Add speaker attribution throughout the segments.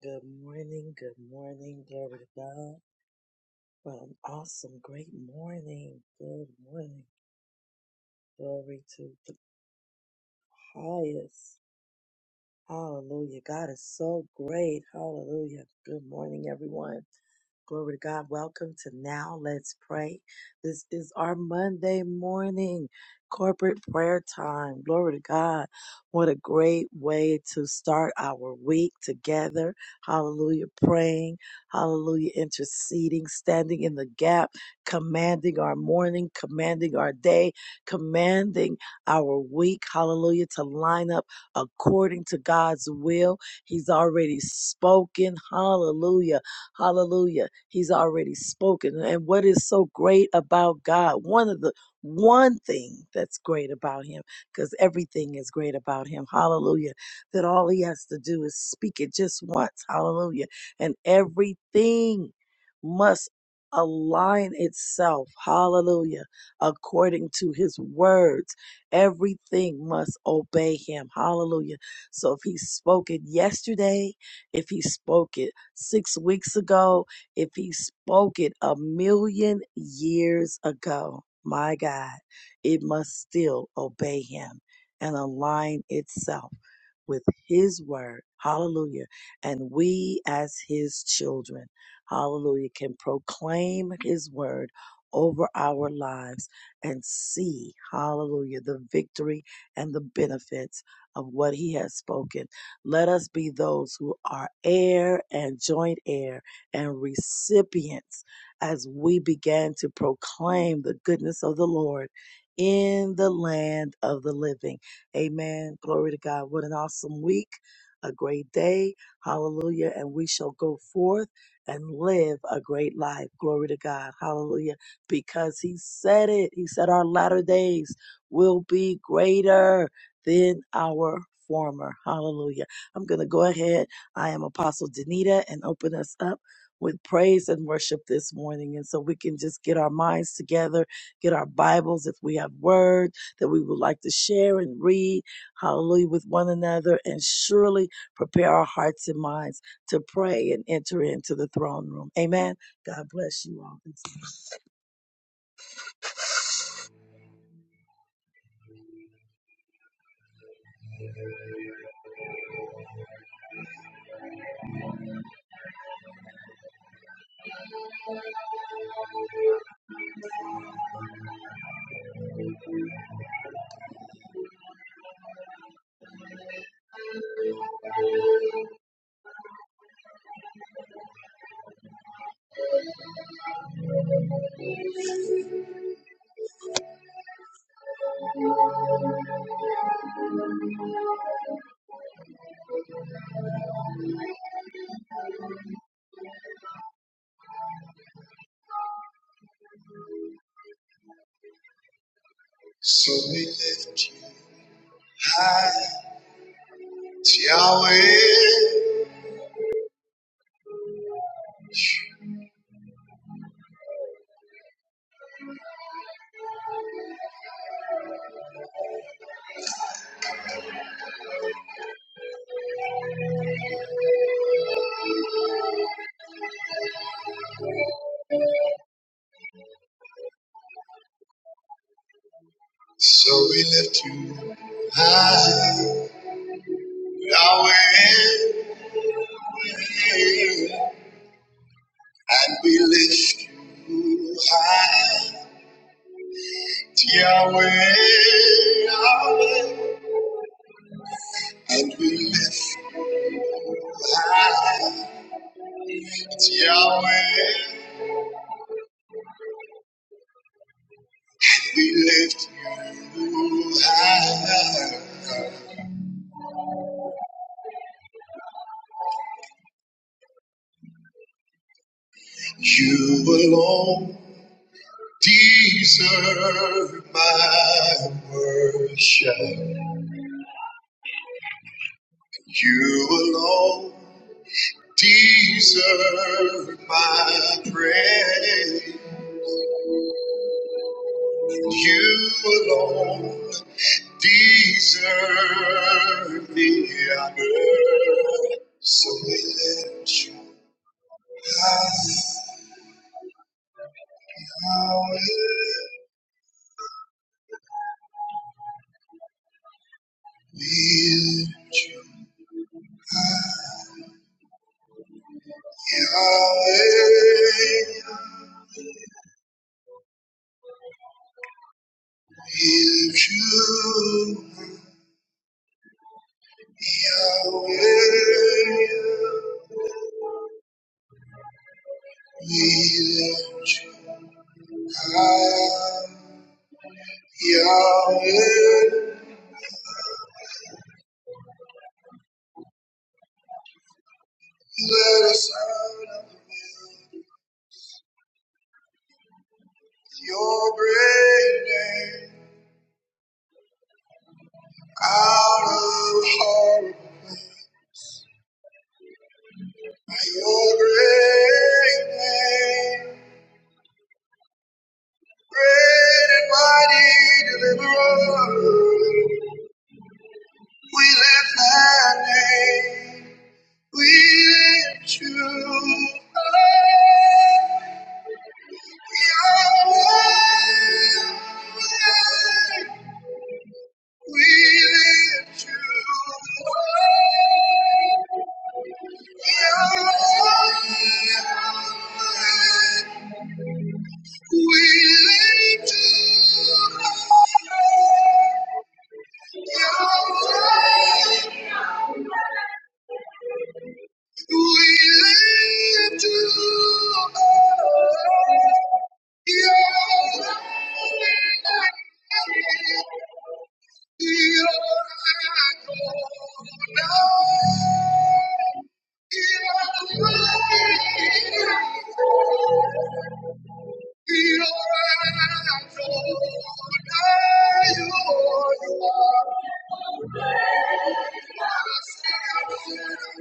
Speaker 1: Good morning, good morning, glory to God. What an awesome, great morning. Good morning, glory to the highest. Hallelujah. God is so great. Hallelujah. Good morning, everyone. Glory to God. Welcome to Now Let's Pray. This is our Monday morning corporate prayer time. Glory to God. What a great way to start our week together. Hallelujah. Praying. Hallelujah. Interceding, standing in the gap, commanding our morning, commanding our day, commanding our week. Hallelujah. To line up according to God's will. He's already spoken. Hallelujah. Hallelujah. He's already spoken. And what is so great about God? One of the one thing that's great about him, because everything is great about him. Hallelujah. That all he has to do is speak it just once. Hallelujah. And everything must align itself. Hallelujah. According to his words. Everything must obey him. Hallelujah. So if he spoke it yesterday, if he spoke it six weeks ago, if he spoke it a million years ago, my God, it must still obey him and align itself with his word. Hallelujah. And we as his children, hallelujah, can proclaim his word over our lives and see, hallelujah, the victory and the benefits of what he has spoken. Let us be those who are heir and joint heir and recipients as we began to proclaim the goodness of the Lord in the land of the living. Amen. Glory to God. What an awesome week. A great day. Hallelujah. And we shall go forth and live a great life. Glory to God. Hallelujah because he said it. He said our latter days will be greater than our former. Hallelujah. I'm going to go ahead. I am Apostle Danita and open us up with praise and worship this morning. And so we can just get our minds together, get our Bibles if we have word that we would like to share and read. Hallelujah with one another and surely prepare our hearts and minds to pray and enter into the throne room. Amen. God bless you all. So we lift you high, Yahweh. So we lift you high, Yahweh. And we lift you high, Yahweh. Yahweh. And we lift you high, Yahweh. We lift you high. You alone. Deserve my worship. You alone deserve my praise. You alone deserve the honor. So we lift you high, Yahweh. We lift you, Yahweh. If you, Yahweh, we lift you high. Yahweh, you let us out of the middle with your great name, out of horrible land. by your great name, great and mighty deliverer. We lift that name. We lift you up, Yahweh. We lift you up, Yahweh. We lift you up, Yahweh. We lift you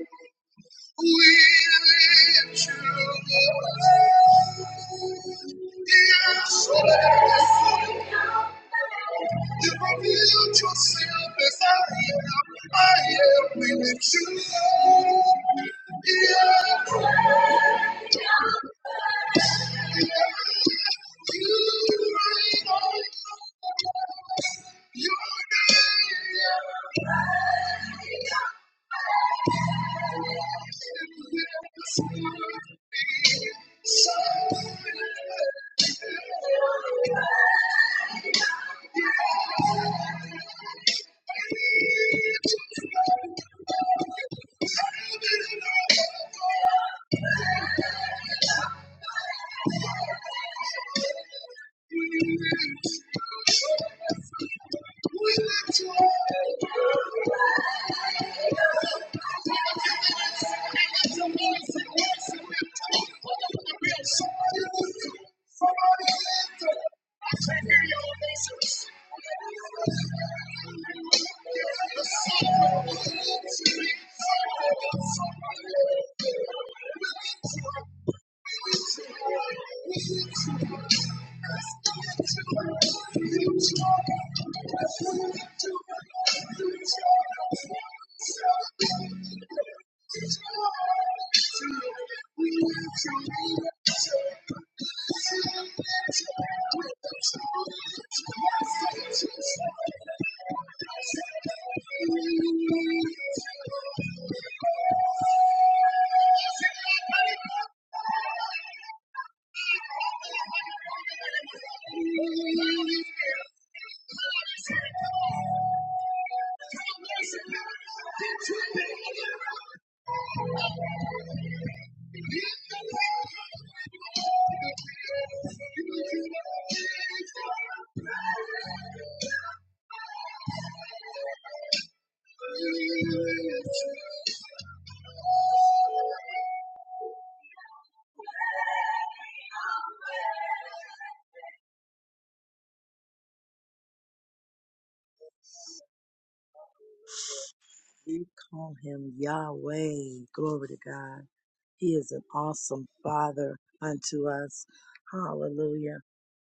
Speaker 1: up. We we yes yes You You revealed yourself as I am. I am. am Yeah. You're the only one I'll ever need. Someone to hold me when I'm lonely. Somebody I'm not afraid to die. We call him Yahweh. Glory to God. He is an awesome Father unto us. Hallelujah.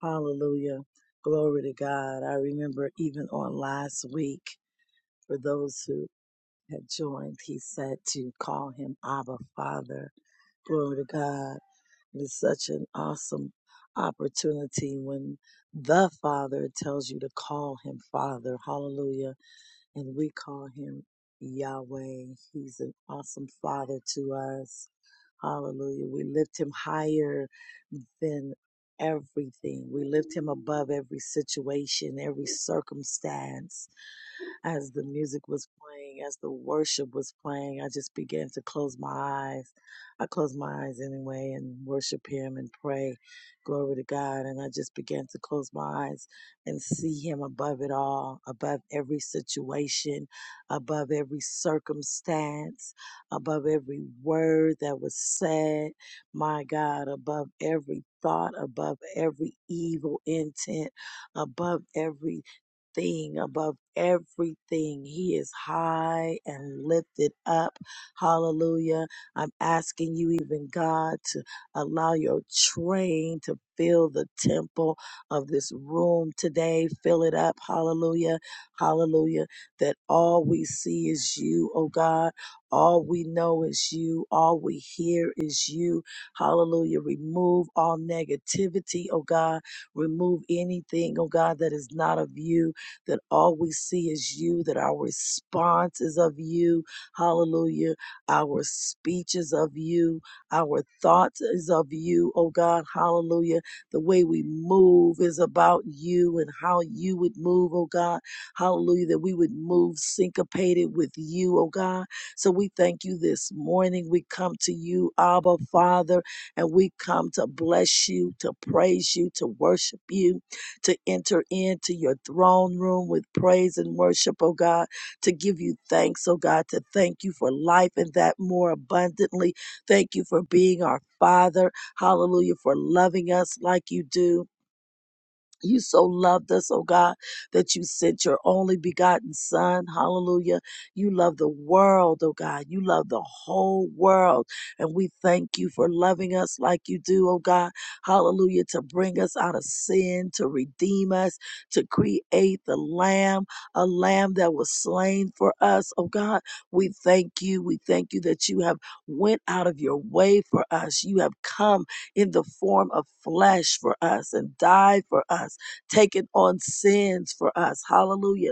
Speaker 1: Hallelujah. Glory to God. I remember even on last week, for those who had joined, he said to call him Abba Father. Glory to God. It is such an awesome opportunity when the Father tells you to call him Father. Hallelujah. And we call him Yahweh. He's an awesome Father to us. Hallelujah. We lift him higher than everything. We lift him above every situation, every circumstance as the music was playing, as the worship was playing, I just began to close my eyes. I closed my eyes anyway and worship Him and pray, glory to God. And I just began to close my eyes and see Him above it all, above every situation, above every circumstance, above every word that was said, my God, above every thought, above every evil intent, above every thing, above everything. He is high and lifted up. Hallelujah. I'm asking you, even God, to allow your train to fill the temple of this room today. Fill it up. Hallelujah. Hallelujah. That all we see is you, oh God. All we know is you. All we hear is you. Hallelujah. Remove all negativity, oh God. Remove anything, oh God, that is not of you that all we see is you, that our response is of you. Hallelujah. Our speech is of you. Our thoughts is of you, oh God. Hallelujah. The way we move is about you and how you would move, oh God. Hallelujah. That we would move syncopated with you, oh God. So we thank you this morning. We come to you, Abba Father, and we come to bless you, to praise you, to worship you to enter into your throne room with praise and worship, oh God, to give you thanks, oh God, to thank you for life and that more abundantly. Thank you for being our Father. Hallelujah, for loving us like you do. You so loved us, oh God, that you sent your only begotten Son. Hallelujah. You love the world, oh God. You love the whole world. And we thank you for loving us like you do, oh God. Hallelujah. To bring us out of sin, to redeem us, to create the Lamb, a Lamb that was slain for us, oh God. We thank you. We thank you that you have went out of your way for us. You have come in the form of flesh for us and died for us, taken on sins for us. Hallelujah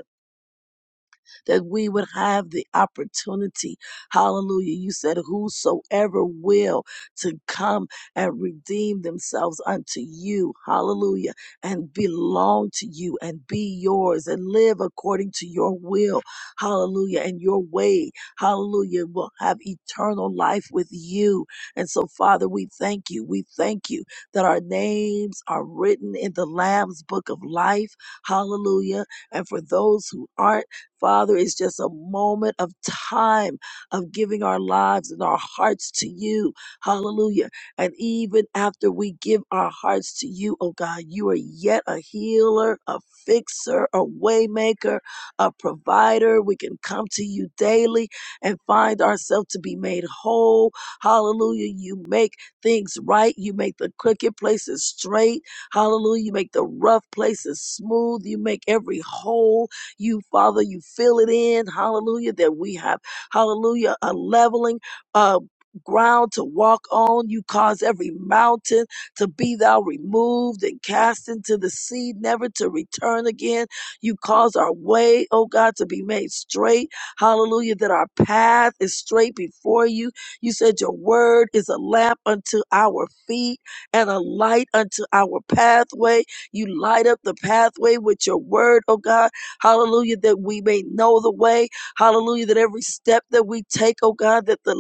Speaker 1: that we would have the opportunity. Hallelujah. You said, Whosoever will to come and redeem themselves unto you. Hallelujah. And belong to you and be yours and live according to your will. Hallelujah. And your way. Hallelujah. Will have eternal life with you. And so, Father, we thank you. We thank you that our names are written in the Lamb's book of life. Hallelujah. And for those who aren't, Father, it's just a moment of time of giving our lives and our hearts to you. Hallelujah. And even after we give our hearts to you, oh God, you are yet a healer, a fixer, a waymaker, a provider. We can come to you daily and find ourselves to be made whole. Hallelujah. You make things right. You make the crooked places straight. Hallelujah. You make the rough places smooth. You make every hole. You, Father, you fill it in. Hallelujah. That we have, hallelujah, a leveling, uh, ground to walk on. You cause every mountain to be thou removed and cast into the sea, never to return again. You cause our way, oh God, to be made straight. Hallelujah, that our path is straight before you. You said your word is a lamp unto our feet and a light unto our pathway. You light up the pathway with your word, oh God. Hallelujah, that we may know the way. Hallelujah, that every step that we take, oh God, that the,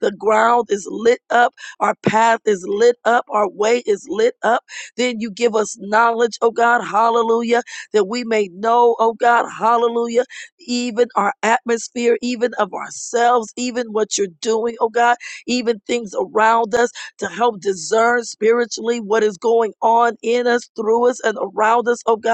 Speaker 1: the ground is lit up, our path is lit up, our way is lit up. Then you give us knowledge, oh God, hallelujah, that we may know, oh God, hallelujah, even our atmosphere, even of ourselves, even what you're doing, oh God, even things around us to help discern spiritually what is going on in us, through us, and around us, oh God.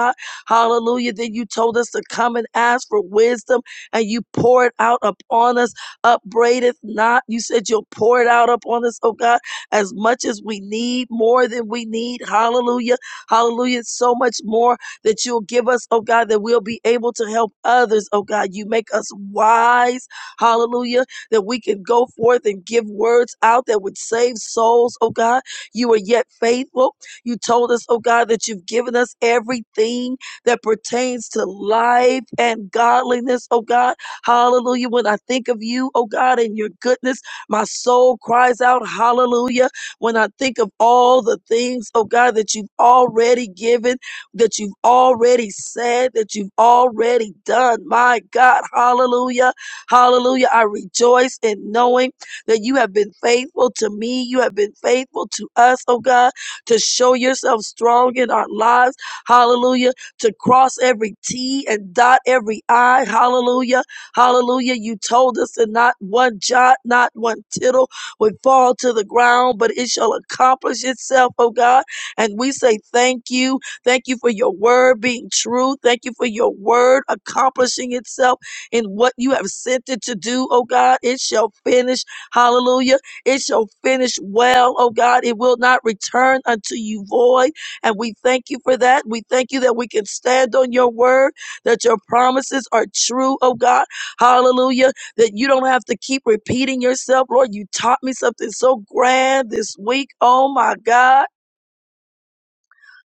Speaker 1: Hallelujah. Then you told us to come and ask for wisdom and you poured out upon us, upbraideth not. You said you'll pour it out upon us, oh God, as much as we need, more than we need. Hallelujah. Hallelujah. So much more that you'll give us, oh God, that we'll be able to help others, oh God. You make us wise. Hallelujah. That we can go forth and give words out that would save souls, oh God. You are yet faithful. You told us, oh God, that you've given us everything that pertains to life and godliness, oh God. Hallelujah. When I think of you, oh God, and your goodness, my soul cries out, hallelujah. When I think of all the things, oh God, that you've already given, that you've already said, that you've already done, my God, hallelujah. Hallelujah. I rejoice in knowing that you have been faithful to me. You have been faithful to us, oh God, to show yourself strong in our lives. Hallelujah to cross every T and dot every I. Hallelujah. Hallelujah. You told us that not one jot, not one tittle would fall to the ground, but it shall accomplish itself, oh God. And we say thank you. Thank you for your word being true. Thank you for your word accomplishing itself in what you have sent it to do, oh God. It shall finish. Hallelujah. It shall finish well, oh God. It will not return unto you void and we thank you for that. We thank you that we can stand on your word, that your promises are true, oh God. Hallelujah. That you don't have to keep repeating yourself. Lord, you taught me something so grand this week. Oh my God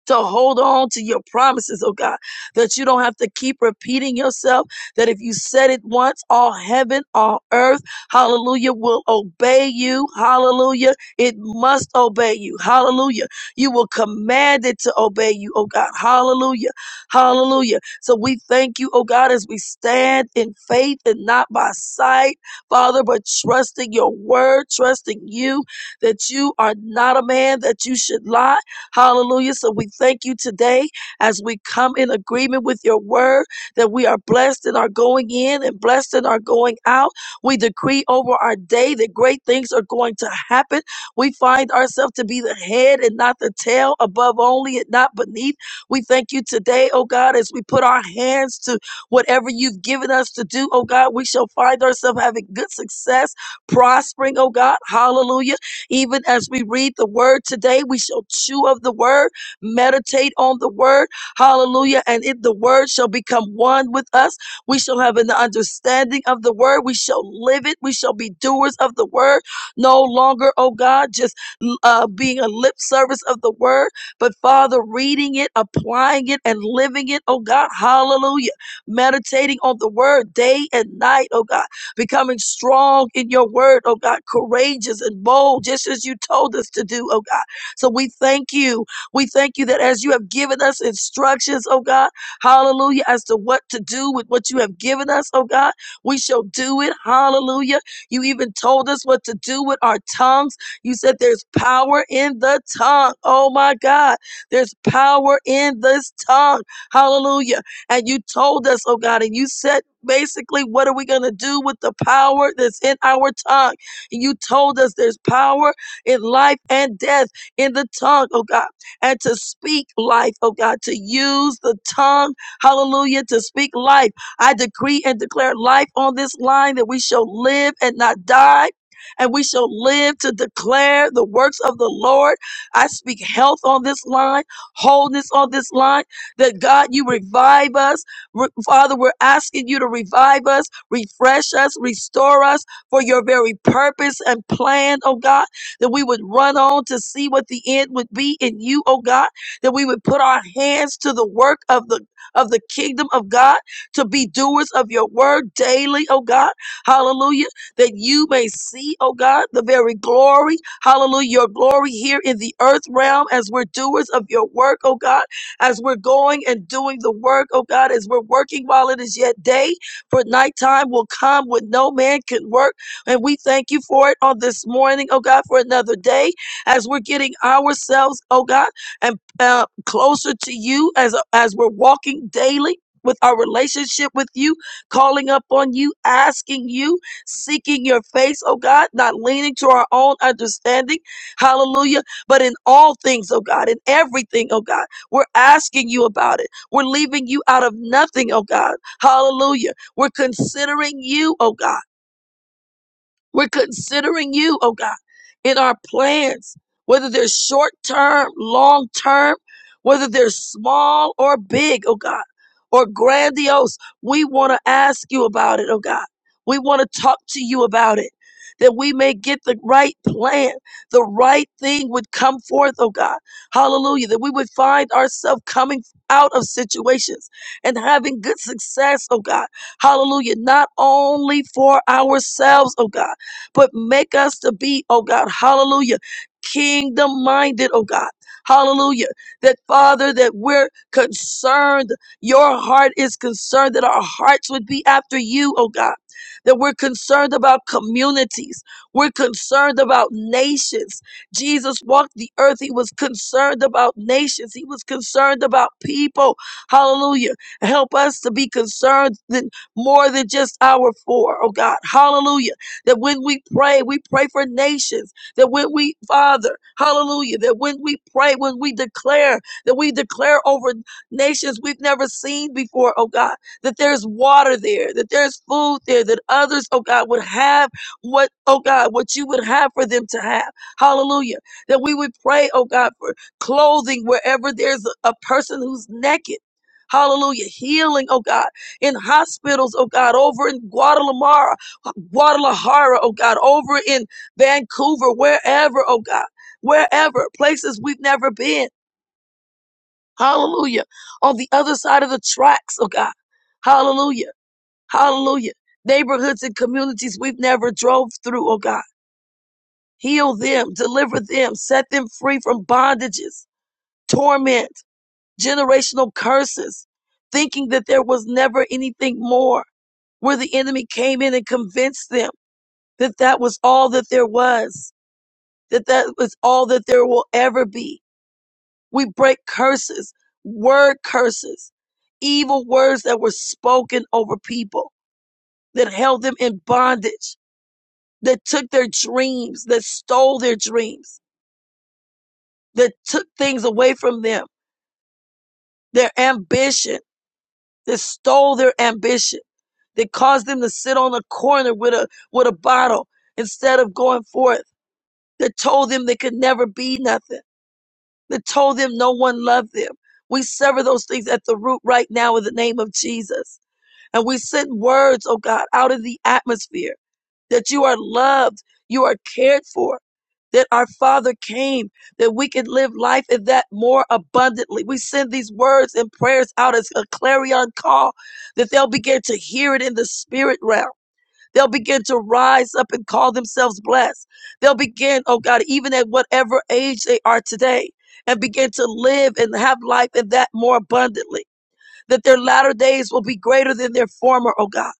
Speaker 1: to hold on to your promises, oh God, that you don't have to keep repeating yourself, that if you said it once, all heaven, all earth, hallelujah, will obey you, hallelujah. It must obey you, hallelujah. You will command it to obey you, oh God, hallelujah, hallelujah. So we thank you, oh God, as we stand in faith and not by sight, Father, but trusting your word, trusting you that you are not a man that you should lie Hallelujah. So we thank you today as we come in agreement with your word that we are blessed in our going in and blessed in our going out. We decree over our day that great things are going to happen. We find ourselves to be the head and not the tail, above only and not beneath. We thank you today, oh God, as we put our hands to whatever you've given us to do, oh God, we shall find ourselves having good success, prospering, oh God. Hallelujah even as we read the word today, we shall chew of the word, meditate on the word. Hallelujah. And it, the word shall become one with us. We shall have an understanding of the word. We shall live it. We shall be doers of the word. No longer, oh God, just uh, being a lip service of the word, but Father, reading it, applying it, and living it, oh God. Hallelujah. Meditating on the word day and night, oh God becoming strong in your word, oh God, courageous and bold, just as you told us to do, oh God. So we thank you. We thank you that as you have given us instructions, oh God, hallelujah, as to what to do with what you have given us, oh God, we shall do it, hallelujah. You even told us what to do with our tongues. You said there's power in the tongue, oh my God, there's power in this tongue, hallelujah. And you told us, oh God, and you said basically, what are we going to do with the power that's in our tongue? And you told us there's power in life and death in the tongue, oh God, and to speak life, oh God, to use the tongue, hallelujah, to speak life. I decree and declare life on this line that we shall live and not die. And we shall live to declare the works of the Lord. I speak health on this line, wholeness on this line that God, you revive us. Re- Father, we're asking you to revive us, refresh us, restore us for your very purpose and plan, oh God, that we would run on to see what the end would be in you, oh God, that we would put our hands to the work of the of the kingdom of God to be doers of your word daily, oh God. Hallelujah. That you may see, oh God, the very glory. Hallelujah. Your glory here in the earth realm as we're doers of your work, oh God as we're going and doing the work, oh God, as we're working while it is yet day, for nighttime will come when no man can work. And we thank you for it on this morning, oh God, for another day, as we're getting ourselves, oh God, and uh, closer to you as, as we're walking daily. With our relationship with you, calling up on you, asking you, seeking your face, oh God, not leaning to our own understanding. Hallelujah but in all things, oh God, in everything, oh God. We're asking you about it. We're leaving you out of nothing, oh God. Hallelujah. We're considering you, oh God. We're considering you, oh God, in our plans, whether they're short term, long term, whether they're small or big, oh God, or grandiose. We want to ask you about it, oh God. We want to talk to you about it. That we may get the right plan, the right thing would come forth, oh God. Hallelujah. That we would find ourselves coming out of situations and having good success, oh God. Hallelujah. Not only for ourselves, oh God but make us to be, oh God, hallelujah, kingdom minded, oh God. Hallelujah. That Father, that we're concerned. Your heart is concerned that our hearts would be after you, oh God. That we're concerned about communities. We're concerned about nations. Jesus walked the earth. He was concerned about nations. He was concerned about people. Hallelujah. Help us to be concerned than, more than just our four, oh God. Hallelujah that when we pray, we pray for nations. That when we, Father, hallelujah, that when we pray, when we declare, that we declare over nations we've never seen before, oh God, that there's water there, that there's food there, that others, oh God, would have what, oh God, what you would have for them to have. Hallelujah. That we would pray, oh God, for clothing wherever there's a a person who's naked. Hallelujah. Healing, oh God, in hospitals, oh God, over in Guadalajara. Guadalajara, oh God, over in Vancouver, wherever, oh God, wherever, places we've never been. Hallelujah. On the other side of the tracks, oh God. Hallelujah. Hallelujah. Neighborhoods and communities we've never drove through, oh God. Heal them, deliver them, set them free from bondages, torment, generational curses, thinking that there was never anything more, where the enemy came in and convinced them that that was all that there was. that that is all that there will ever be. We break curses, word curses, evil words that were spoken over people that held them in bondage, that took their dreams, that stole their dreams, that took things away from them, their ambition, that stole their ambition, that caused them to sit on a corner with a with a bottle instead of going forth, that told them they could never be nothing that told them no one loved them. We sever those things at the root right now in the name of Jesus. And we send words, oh God, out of the atmosphere that you are loved, you are cared for, that our Father came, that we can live life in that more abundantly. We send these words and prayers out as a clarion call that they'll begin to hear it in the spirit realm They'll begin to rise up and call themselves blessed. They'll begin, oh God, even at whatever age they are today, and begin to live and have life in that more abundantly. That their latter days will be greater than their former, oh God.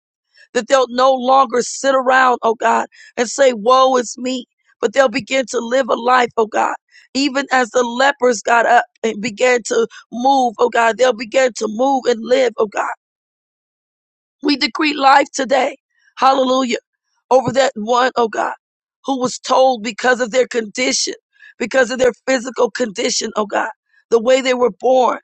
Speaker 1: That they'll no longer sit around, oh God, and say, Woe is me. But they'll begin to live a life, oh God. Even as the lepers got up and began to move, oh God, they'll begin to move and live, oh God. We decree life today. Hallelujah over that one, oh God, who was told because of their condition, because of their physical condition, oh God, the way they were born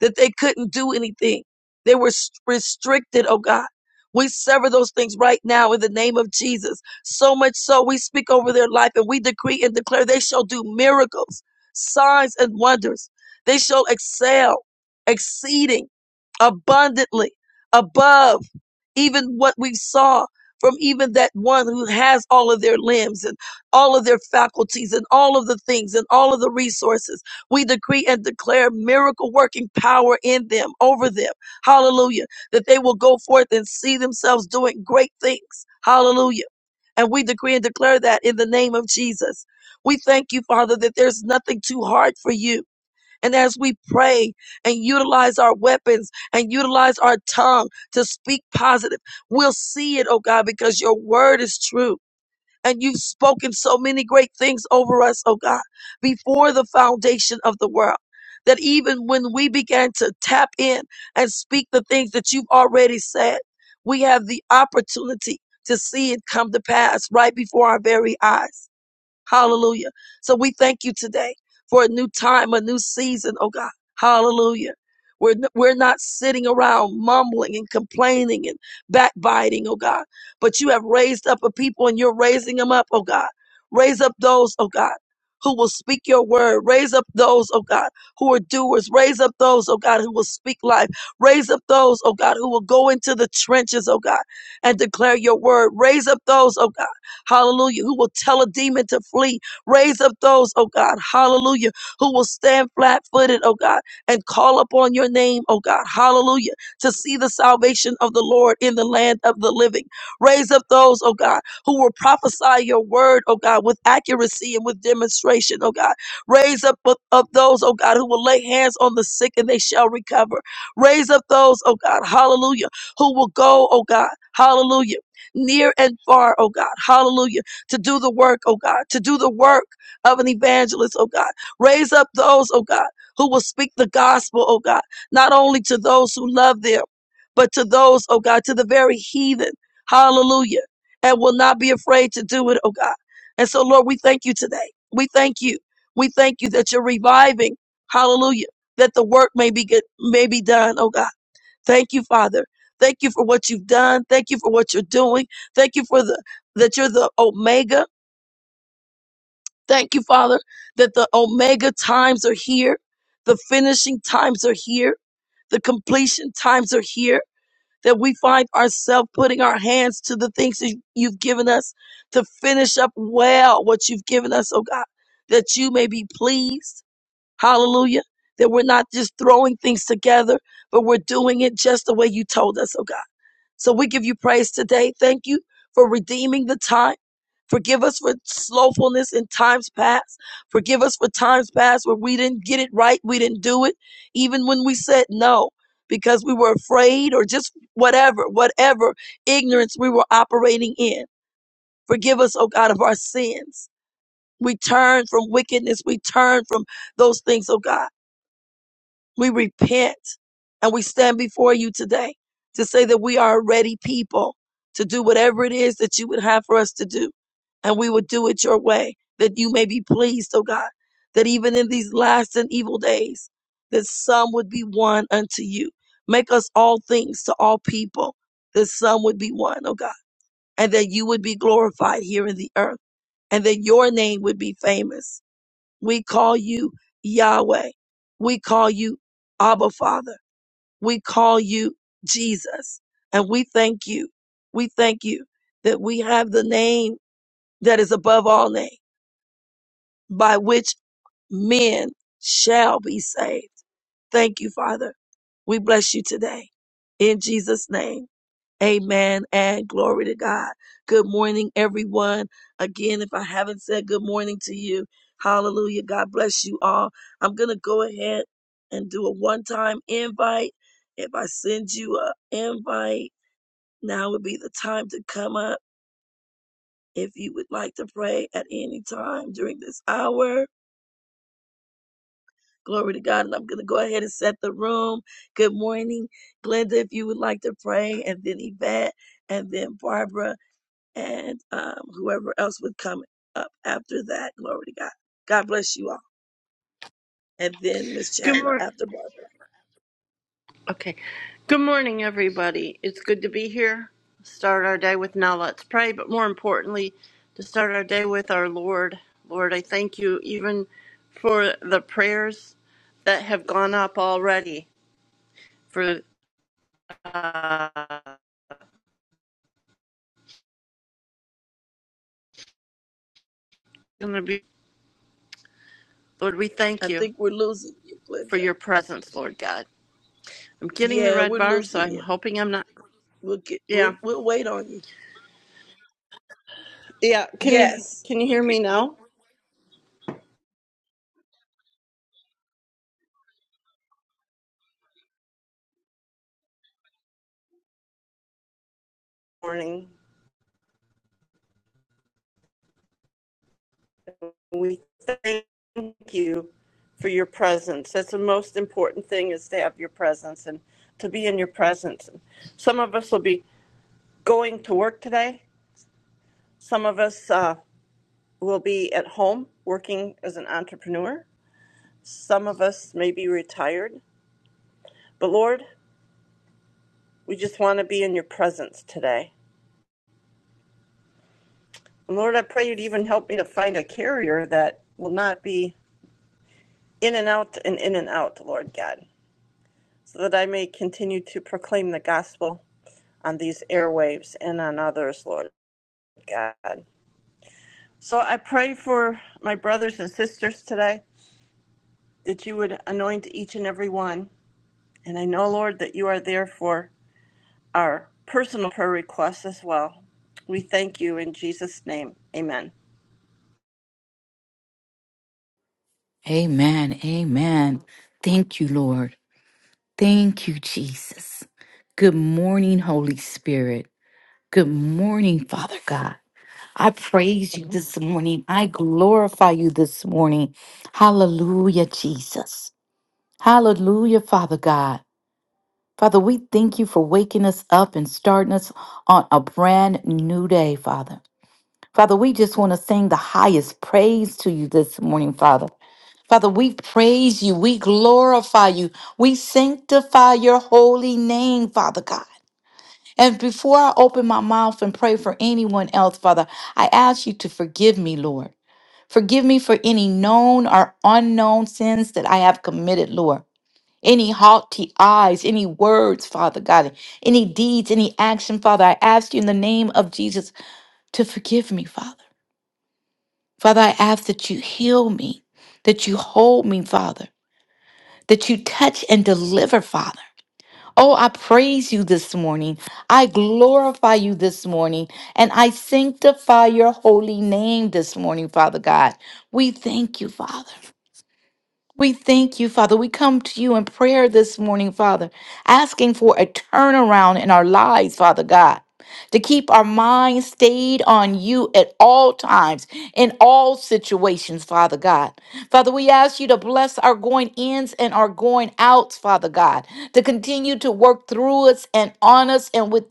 Speaker 1: that they couldn't do anything. They were s- restricted, oh God. We sever those things right now in the name of Jesus. So much so, we speak over their life and we decree and declare they shall do miracles, signs, and wonders. They shall excel, exceeding, abundantly, above even what we saw from even that one who has all of their limbs and all of their faculties and all of the things and all of the resources. We decree and declare miracle working power in them, over them. Hallelujah. That they will go forth and see themselves doing great things. Hallelujah. And we decree and declare that in the name of Jesus. We thank you, Father, that there's nothing too hard for you. And as we pray and utilize our weapons and utilize our tongue to speak positive, we'll see it, oh God, because your word is true. And you've spoken so many great things over us, oh God, before the foundation of the world. That even when we began to tap in and speak the things that you've already said, we have the opportunity to see it come to pass right before our very eyes. Hallelujah. So we thank you today for a new time, a new season, oh God. Hallelujah. We're, we're not sitting around mumbling and complaining and backbiting, oh God. But you have raised up a people and you're raising them up, oh God. Raise up those, oh God, who will speak your word. Raise up those, oh God, who are doers. Raise up those, oh God, who will speak life. Raise up those, oh God, who will go into the trenches, oh God, and declare your word. Raise up those, oh God hallelujah, who will tell a demon to flee. Raise up those, oh God, hallelujah, who will stand flat footed, oh God, and call upon your name, oh God, hallelujah, to see the salvation of the Lord in the land of the living. Raise up those, oh God, who will prophesy your word, oh God, with accuracy and with demonstration, oh God. Raise up of of those, oh God, who will lay hands on the sick and they shall recover. Raise up those, oh God, hallelujah, who will go, oh God, hallelujah near and far, oh God. Hallelujah. To do the work, oh God, to do the work of an evangelist, oh God. Raise up those, oh God, who will speak the gospel, oh God, not only to those who love them, but to those, oh God, to the very heathen. Hallelujah. And will not be afraid to do it, oh God. And so, Lord, we thank you today. We thank you. We thank you that you're reviving. Hallelujah. That the work may be good, may be done, oh God. Thank you, Father. Thank you for what you've done. Thank you for what you're doing. Thank you for the that you're the omega. Thank you, Father, that the omega times are here. The finishing times are here. The completion times are here. That we find ourselves putting our hands to the things that you've given us to finish up well what you've given us, oh God, that you may be pleased. Hallelujah. That we're not just throwing things together, but we're doing it just the way you told us, oh God. So we give you praise today. Thank you for redeeming the time. Forgive us for slothfulness in times past. Forgive us for times past where we didn't get it right. We didn't do it. Even when we said no because we were afraid or just whatever, whatever ignorance we were operating in. Forgive us, oh God, of our sins. We turn from wickedness. We turn from those things, oh God. We repent and we stand before you today to say that we are a ready people to do whatever it is that you would have for us to do. And we would do it your way that you may be pleased, oh God, that even in these last and evil days, that some would be one unto you. Make us all things to all people, that some would be one, oh God, and that you would be glorified here in the earth and that your name would be famous we call you Yahweh. We call you Abba Father. We call you Jesus. And we thank you. We thank you that we have the name that is above all name by which men shall be saved. Thank you, Father. We bless you today in Jesus name. Amen and glory to God. Good morning, everyone. Again, if I haven't said good morning to you, hallelujah. God bless you all. I'm going to go ahead and do a one time invite. If I send you an invite, now would be the time to come up if you would like to pray at any time during this hour. Glory to God. And I'm going to go ahead and set the room. Good morning, Glenda, if you would like to pray, and then Yvette, and then Barbara. and um, whoever else would come up after that. Glory to God. God bless you all. And then Miss
Speaker 2: Good
Speaker 1: Chandler
Speaker 2: morning.
Speaker 1: after Barbara.
Speaker 2: Okay. Good morning, everybody. It's good to be here. Start our day with now let's pray, but more importantly, to start our day with our Lord. Lord, I thank you even for the prayers that have gone up already. For uh, going to be, Lord, we thank
Speaker 1: I
Speaker 2: you
Speaker 1: think we're losing you,
Speaker 2: for
Speaker 1: Glenda.
Speaker 2: your presence, Lord God. I'm getting the
Speaker 1: Yeah,
Speaker 2: red
Speaker 1: we're
Speaker 2: bar, so
Speaker 1: losing
Speaker 2: I'm
Speaker 1: you.
Speaker 2: hoping I'm not.
Speaker 1: We'll get.
Speaker 2: Yeah,
Speaker 1: We'll we'll wait on you.
Speaker 2: yeah. Can you
Speaker 1: Yes.
Speaker 2: can you hear me now? Morning. We thank you for your presence. That's the most important thing is to have your presence and to be in your presence. Some of us will be going to work today. Some of us uh, will be at home working as an entrepreneur. Some of us may be retired. But Lord, we just want to be in your presence today. And Lord, I pray you'd even help me to find a carrier that will not be in and out and in and out, Lord God, so that I may continue to proclaim the gospel on these airwaves and on others, Lord God. So I pray for my brothers and sisters today that you would anoint each and every one. And I know, Lord, that you are there for our personal prayer requests as well. We thank you in Jesus' name. Amen.
Speaker 3: Amen. Amen. Thank you, Lord. Thank you, Jesus. Good morning, Holy Spirit. Good morning, Father God. I praise you this morning. I glorify you this morning. Hallelujah, Jesus. Hallelujah, Father God. Father, we thank you for waking us up and starting us on a brand new day, Father. Father, we just want to sing the highest praise to you this morning, Father. Father, we praise you. We glorify you. We sanctify your holy name, Father God. And before I open my mouth and pray for anyone else, Father, I ask you to forgive me, Lord. Forgive me for any known or unknown sins that I have committed, Lord. Any haughty eyes, any words, Father God, any deeds, any action, Father, I ask you in the name of Jesus to forgive me, Father. Father, I ask that you heal me, that you hold me, Father, that you touch and deliver, Father. Oh, I praise you this morning. I glorify you this morning. And I sanctify your holy name this morning, Father God. We thank you, Father. We thank you, Father. We come to you in prayer this morning, Father, asking for a turnaround in our lives, Father God, to keep our minds stayed on you at all times, in all situations, Father God. Father, we ask you to bless our going ins and our going outs, Father God, to continue to work through us and on us and with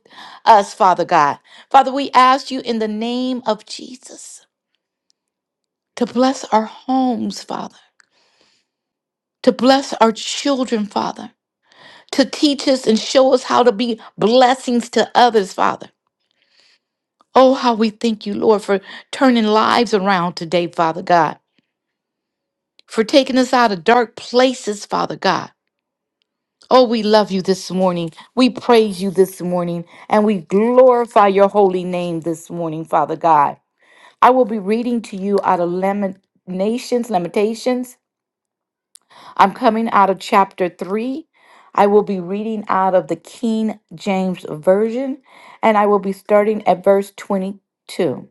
Speaker 3: us, Father God. Father, we ask you in the name of Jesus to bless our homes, Father to bless our children, Father, to teach us and show us how to be blessings to others, Father. Oh, how we thank you, Lord, for turning lives around today, Father God, for taking us out of dark places, Father God. Oh, we love you this morning. We praise you this morning, and we glorify your holy name this morning, Father God. I will be reading to you out of Lamentations, Lamentations I'm coming out of chapter 3. I will be reading out of the King James Version, and I will be starting at verse 22.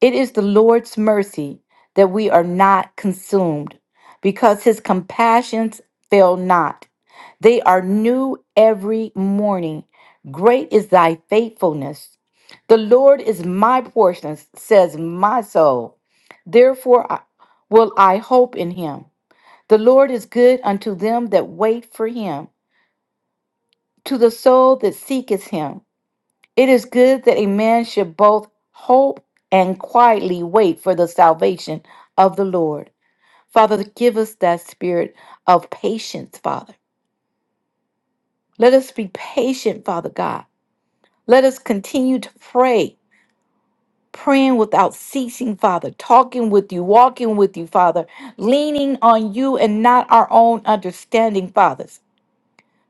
Speaker 3: It is the Lord's mercy that we are not consumed, because his compassions fail not. They are new every morning. Great is thy faithfulness. The Lord is my portion, says my soul. Therefore I- will I hope in him. The Lord is good unto them that wait for him, to the soul that seeketh him. It is good that a man should both hope and quietly wait for the salvation of the Lord. Father, give us that spirit of patience, Father. Let us be patient, Father God. Let us continue to pray, praying without ceasing, Father, talking with you, walking with you, Father, leaning on you and not our own understanding, Father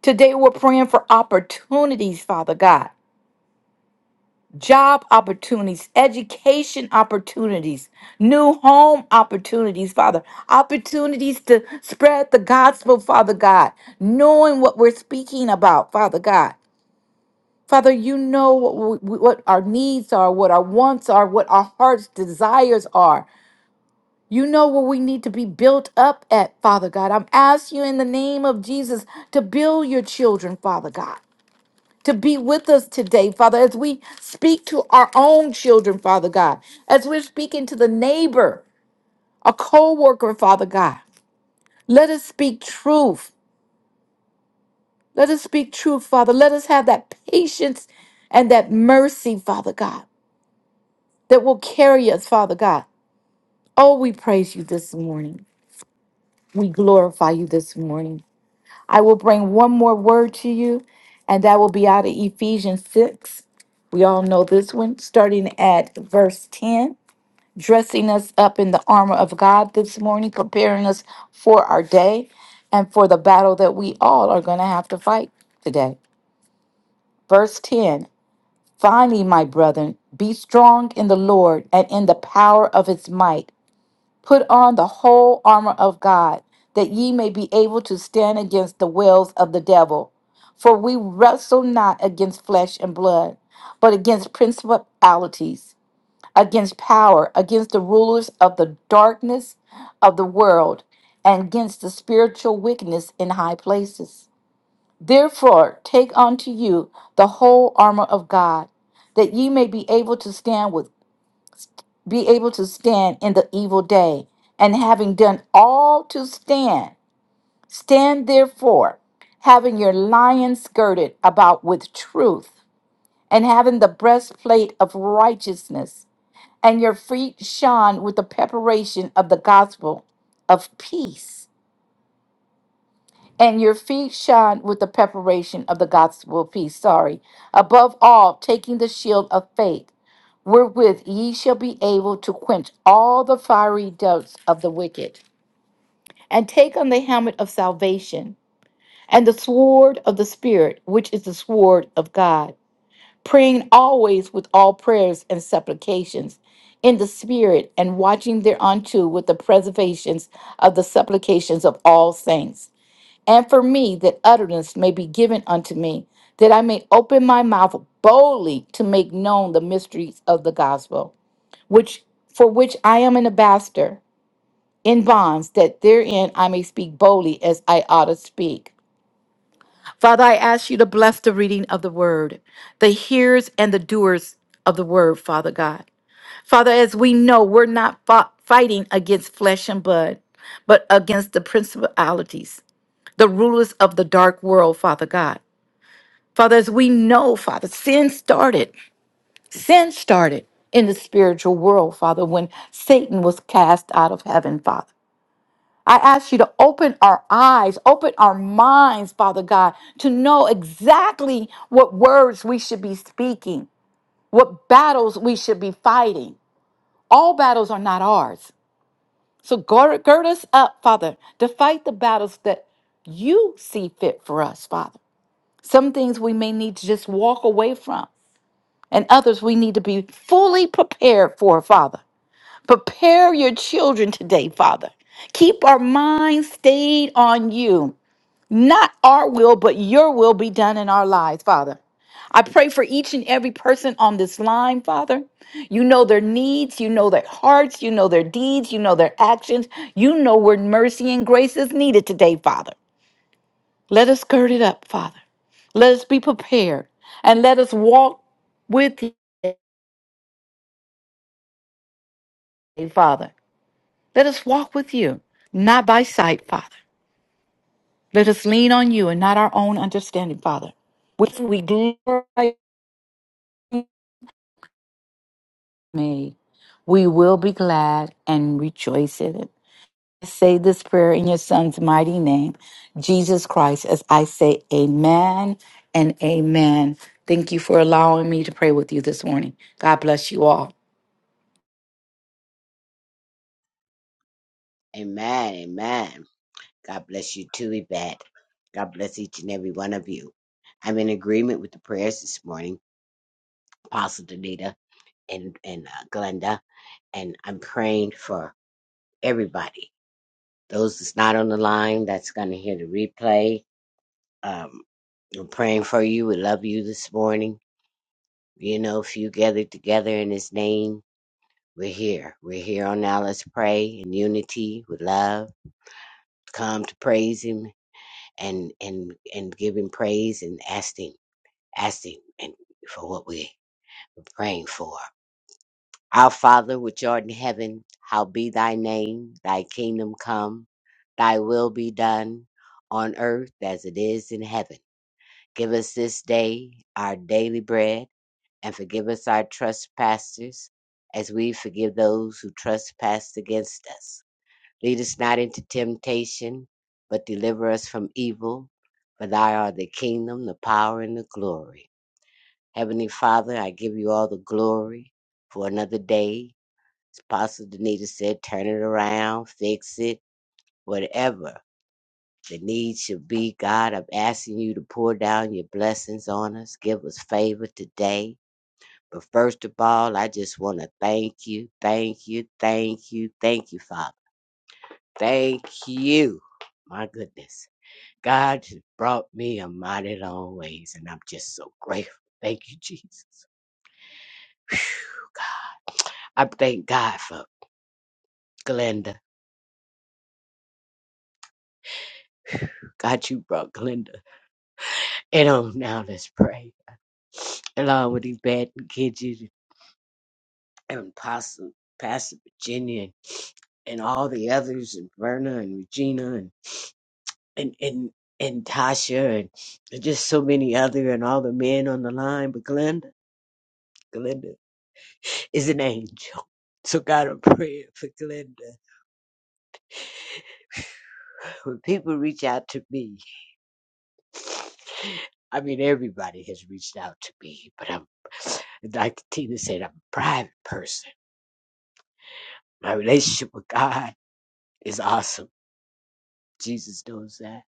Speaker 3: Today we're praying for opportunities, Father God. Job opportunities, education opportunities, new home opportunities, Father. Opportunities to spread the gospel, Father God. Knowing what we're speaking about, Father God. Father, you know what, we, what our needs are, what our wants are, what our heart's desires are. You know where we need to be built up at, Father God. I'm asking you in the name of Jesus to build your children, Father God. to be with us today, Father, as we speak to our own children, Father God, as we're speaking to the neighbor, a co worker, Father God. Let us speak truth. Let us speak truth, Father. Let us have that patience and that mercy, Father God, that will carry us, Father God. Oh, we praise you this morning. We glorify you this morning. I will bring one more word to you, and that will be out of Ephesians 6. We all know this one, starting at verse 10. dressing us up in the armor of God this morning, preparing us for our day and for the battle that we all are going to have to fight today. Verse 10 Finally, my brethren, be strong in the Lord and in the power of his might. Put on the whole armor of God, that ye may be able to stand against the wiles of the devil. For we wrestle not against flesh and blood, but against principalities against power, against the rulers of the darkness of the world, and against the spiritual wickedness in high places. Therefore, take unto you the whole armor of God, that ye may be able to stand with be able to stand in the evil day, and having done all to stand, stand therefore, having your lion skirted about with truth, and having the breastplate of righteousness and your feet shone with the preparation of the gospel of peace. And your feet shone with the preparation of the gospel of peace. Sorry. Above all, taking the shield of faith, wherewith ye shall be able to quench all the fiery darts of the wicked. And take on the helmet of salvation and the sword of the Spirit, which is the sword of God praying always with all prayers and supplications in the Spirit, and watching thereunto with the preservations of the supplications of all saints. And for me, that utterance may be given unto me, that I may open my mouth boldly to make known the mysteries of the gospel, which for which I am an ambassador in bonds, that therein I may speak boldly as I ought to speak. Father, I ask you to bless the reading of the word, the hearers and the doers of the word, Father God. Father, as we know, we're not fought, fighting against flesh and blood, but against the principalities, the rulers of the dark world, Father God. Father, as we know, Father, sin started, sin started in the spiritual world, Father, when Satan was cast out of heaven, Father. I ask you to open our eyes, open our minds, Father God, to know exactly what words we should be speaking, what battles we should be fighting. All battles are not ours. So gird, gird us up, Father, to fight the battles that you see fit for us, Father. Some things we may need to just walk away from, and others we need to be fully prepared for, Father. Prepare your children today, Father. Keep our minds stayed on you. Not our will, but your will be done in our lives, Father. I pray for each and every person on this line, Father. You know their needs, you know their hearts, you know their deeds, you know their actions. You know where mercy and grace is needed today, Father. Let us gird it up, Father. Let us be prepared and let us walk with you, Father. Let us walk with you, not by sight, Father. Let us lean on you and not our own understanding, Father. With we glorify me. We will be glad and rejoice in it. I say this prayer in your son's mighty name, Jesus Christ, as I say amen and amen. Thank you for allowing me to pray with you this morning. God bless you all.
Speaker 4: Amen. Amen. God bless you too, Yvette. God bless each and every one of you. I'm in agreement with the prayers this morning, Apostle Danita and, and uh, Glenda, and I'm praying for everybody. Those that's not on the line, that's going to hear the replay. Um, we're praying for you. We love you this morning. You know, if you gathered together in His name, we're here. We're here on now. Let's pray in unity with love. Come to praise Him and and and giving praise and asking asking and for what we're praying for. Our Father which art in heaven, how be thy name, thy kingdom come, thy will be done on earth as it is in heaven. Give us this day our daily bread and forgive us our trespasses as we forgive those who trespass against us Lead us not into temptation, but deliver us from evil. For thy art the kingdom, the power, and the glory. Heavenly Father, I give you all the glory for another day. As Apostle Danita said, turn it around, fix it, whatever the need should be. God, I'm asking you to pour down your blessings on us. Give us favor today. But first of all, I just want to thank you, thank you, thank you, thank you, Father. Thank you. My goodness. God brought me a mighty long ways, and I'm just so grateful. Thank you, Jesus. I thank God for Glenda. God, you brought Glenda. And um, now let's pray. Along with these bad kids and Pastor, Pastor Virginia and and all the others, and Verna and Regina and and and, and Tasha and and just so many other and all the men on the line. But Glenda, Glenda is an angel. So God, I'm praying for Glenda. When people reach out to me, I mean, everybody has reached out to me, but I'm, like Tina said, I'm a private person. My relationship with God is awesome. Jesus knows that.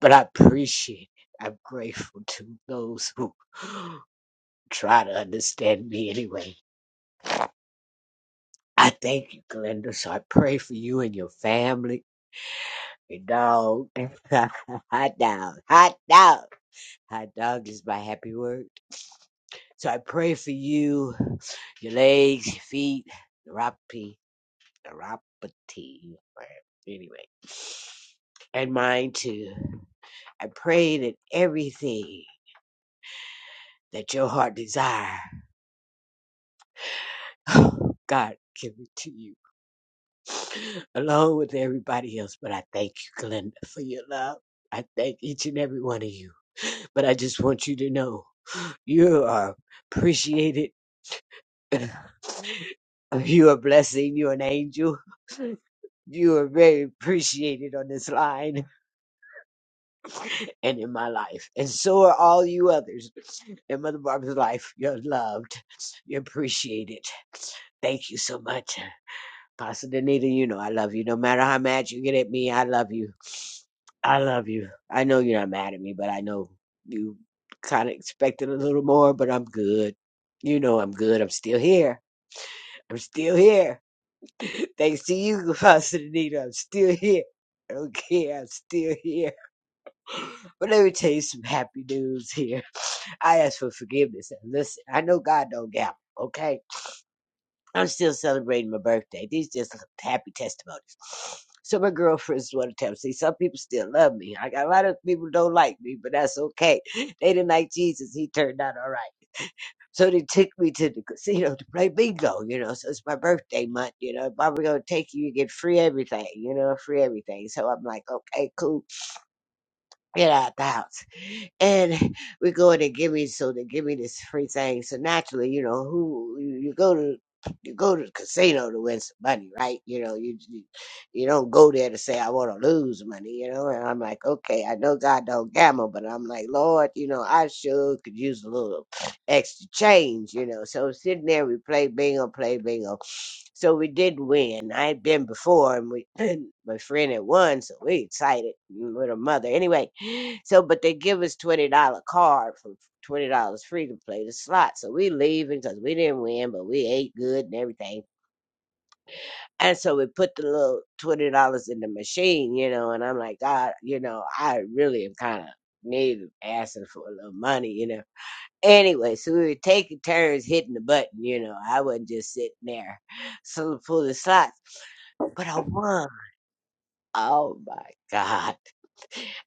Speaker 4: But I appreciate it. I'm grateful to those who try to understand me anyway. I thank you, Glenda. So I pray for you and your family, your dog. hot dog. Hot dog. Hot dog is my happy word. So I pray for you, your legs, your feet, neuropathy, neuropathy. or- Anyway, and mine too. I pray that everything that your heart desire, oh, God give it to you, along with everybody else. But I thank you, Glenda, for your love. I thank each and every one of you. But I just want you to know you are appreciated you a blessing. You're an angel. You are very appreciated on this line and in my life. And so are all you others in Mother Barbara's life. You're loved. You're appreciated. Thank you so much. Pastor Danita, you know I love you. No matter how mad you get at me, I love you. I love you. I know you're not mad at me, but I know you kind of expected a little more, but I'm good. You know I'm good. I'm still here. I'm still here. Thanks to you, Pastor Anita, I'm still here. Okay, I'm still here. But let me tell you some happy news here. I ask for forgiveness. And listen, I know God don't gamble, okay? I'm still celebrating my birthday. These just happy testimonies. So my girlfriends want to tell me, see, some people still love me. I got a lot of people don't like me, but that's okay. They didn't like Jesus. He turned out all right. So they took me to the casino to play bingo, you know. So it's my birthday month, you know. If I were gonna take you, you get free everything, you know, free everything. So I'm like, okay, cool, get out the house and we go in and give me so they give me this free thing. So naturally, you know, who you, you go to you go to the casino to win some money, right? You know, you you you don't go there to say I want to lose money, you know. And I'm like, okay, I know God don't gamble, but I'm like, Lord, you know, I sure could use a little extra change, you know. So sitting there, we play bingo, play bingo. So we did win. I had been before, and we my friend had won, so we excited mm, with her mother. Anyway, so, but they give us twenty dollar card from twenty dollars free to play the slot. So we leaving because we didn't win, but we ate good and everything. And so we put the little twenty dollars in the machine, you know. And I'm like, God, you know, I really am kind of need asking for a little money, you know. Anyway, so we were taking turns hitting the button, you know. I wasn't just sitting there, so pull the slots, but I won. Oh my God!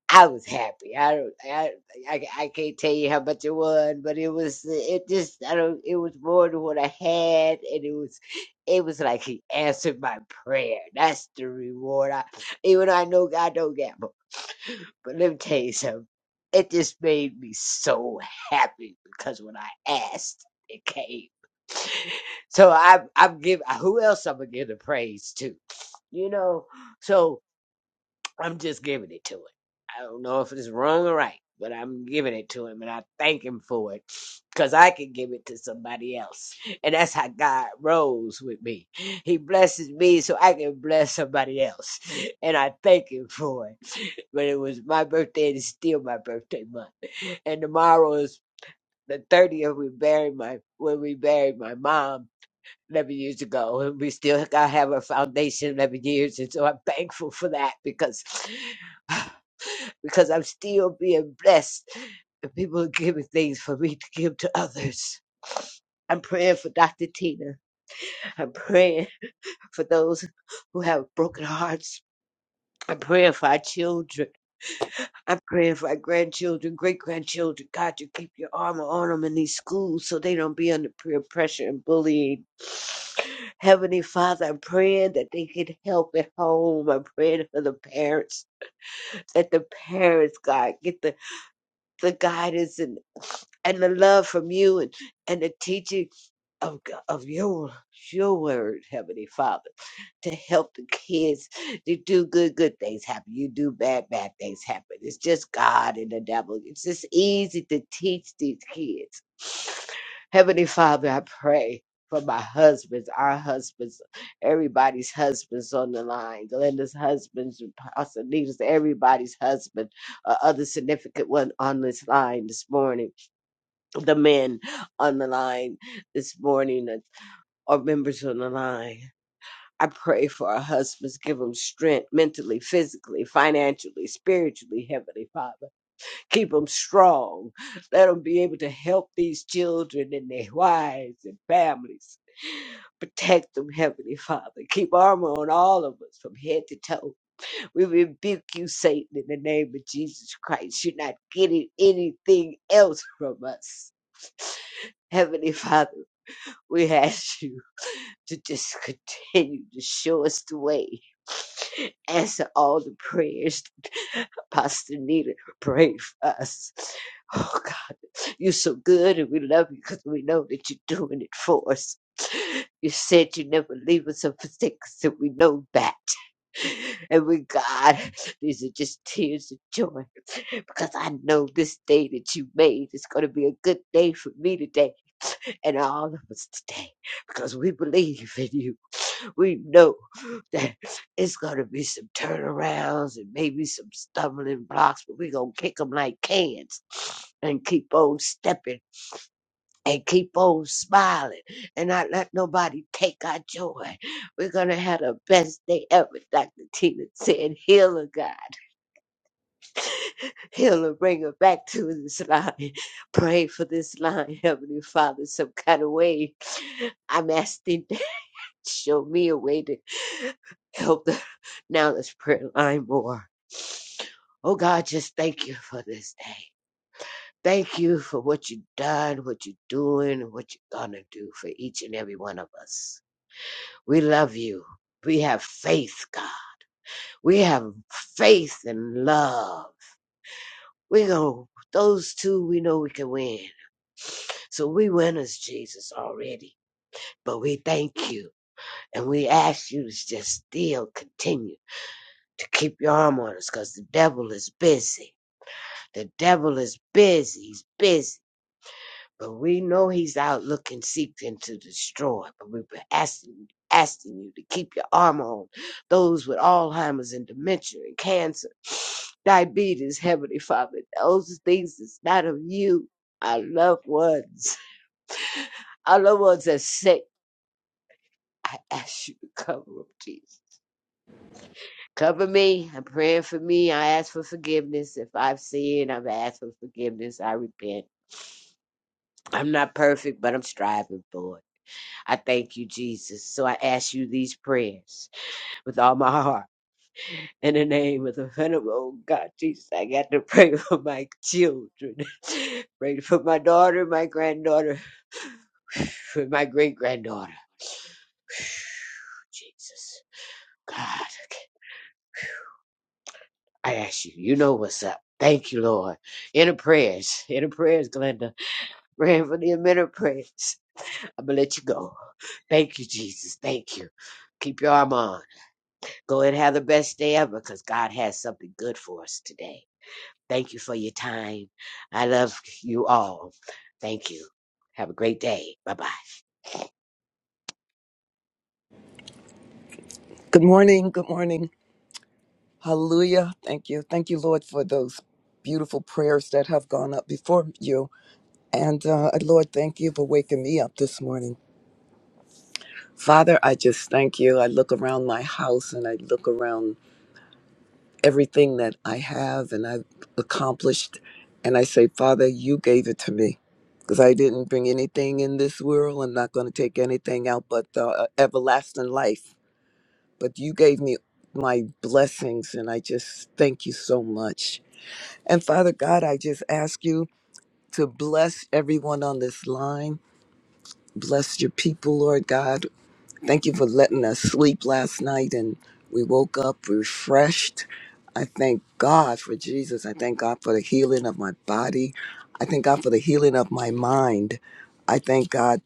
Speaker 4: I was happy. I don't, I, I, I can't tell you how much it was, but it was, it just, I don't, it was more than what I had, and it was, it was like he answered my prayer. That's the reward. I, even though I know God don't gamble, but let me tell you something. It just made me so happy because when I asked, it came. So I'm, I'm giving. Who else I'm gonna give the praise to? You know, so I'm just giving it to him. I don't know if it's wrong or right, but I'm giving it to him and I thank him for it because I can give it to somebody else. And that's how God rolls with me. He blesses me so I can bless somebody else. And I thank him for it. But it was my birthday and it's still my birthday month. And tomorrow is the 30th we buried my when we buried my mom 11 years ago and we still got have a foundation 11 years and so i'm thankful for that because because I'm still being blessed. And people are giving things for me to give to others. I'm praying for Dr. Tina. I'm praying for those who have broken hearts. I'm praying for our children. I'm praying for our grandchildren, great grandchildren. God, you keep your armor on them in these schools so they don't be under peer pressure and bullying. Heavenly Father, I'm praying that they get help at home. I'm praying for the parents, that the parents, God, get the, the guidance and and the love from you and, and the teaching of, G- of your, your word, Heavenly Father, to help the kids to do good, good things happen. You do bad, bad things happen. It's just God and the devil. It's just easy to teach these kids. Heavenly Father, I pray for my husbands, our husbands, everybody's husbands on the line, Glenda's husbands, Pastor Nita's, everybody's husband, uh, other significant one on this line this morning the men on the line this morning and- or members on the line. I pray for our husbands. Give them strength mentally, physically, financially, spiritually, Heavenly Father. Keep them strong. Let them be able to help these children and their wives and families. Protect them, Heavenly Father. Keep armor on all of us from head to toe. We rebuke you, Satan, in the name of Jesus Christ. You're not getting anything else from us. Heavenly Father. We ask you to just continue to show us the way. Answer all the prayers Pastor Nita prayed for us. Oh God, you're so good and we love you because we know that you're doing it for us. You said you never leave us or forsake us, and we know that. And we, God, these are just tears of joy because I know this day that you made is going to be a good day for me today and all of us today because we believe in you we know that it's going to be some turnarounds and maybe some stumbling blocks, but we're going to kick them like cans and keep on stepping and keep on smiling and not let nobody take our joy. We're going to have the best day ever, Dr. Tina said. Heal her, God. Heal her, bring her back to this line. Pray for this line, Heavenly Father, some kind of way. I'm asking. Show me a way to help the now this prayer line more. Oh God, just thank you for this day. Thank you for what you've done, what you're doing, and what you're gonna do for each and every one of us. We love you. We have faith, God. We have faith and love. We go those two we know we can win. So we winners, Jesus, already. But we thank you and we ask you to just still continue. to keep your arm on us because the devil is busy. The devil is busy. He's busy. But we know he's out looking, seeking to destroy. But we've been asking, asking you to keep your arm on those with Alzheimer's and dementia and cancer, diabetes, Heavenly Father. Those things that's not of you, our loved ones, our loved ones that are sick. I ask you to cover them, Jesus. Cover me. I'm praying for me. I ask for forgiveness. If I've sinned, I've asked for forgiveness. I repent. I'm not perfect, but I'm striving for it. I thank you, Jesus. So I ask you these prayers with all my heart. In the name of the venerable oh God, Jesus, I got to pray for my children. pray for my daughter, my granddaughter, for my great granddaughter. Jesus, God, I ask you, you know what's up. Thank you, Lord. Inner prayers, inner prayers, Glenda. Randomly a minute praise. I'm gonna let you go. Thank you, Jesus. Thank you. Keep your arm on. Go and have the best day ever because God has something good for us today. Thank you for your time. I love you all. Thank you. Have a great day. Bye bye.
Speaker 5: Good morning. Good morning. Hallelujah. Thank you. Thank you, Lord, for those beautiful prayers that have gone up before you. And uh, Lord, thank you for waking me up this morning. Father, I just thank you. I look around my house and I look around everything that I have and I've accomplished. And I say, Father, you gave it to me because I didn't bring anything in this world. I'm not going to take anything out but the uh, everlasting life. but you gave me my blessings and I just thank you so much. And Father God, I just ask you to bless everyone on this line. Bless your people, Lord God. Thank you for letting us sleep last night and we woke up refreshed. I thank God for Jesus. I thank God for the healing of my body. I thank God for the healing of my mind. I thank God.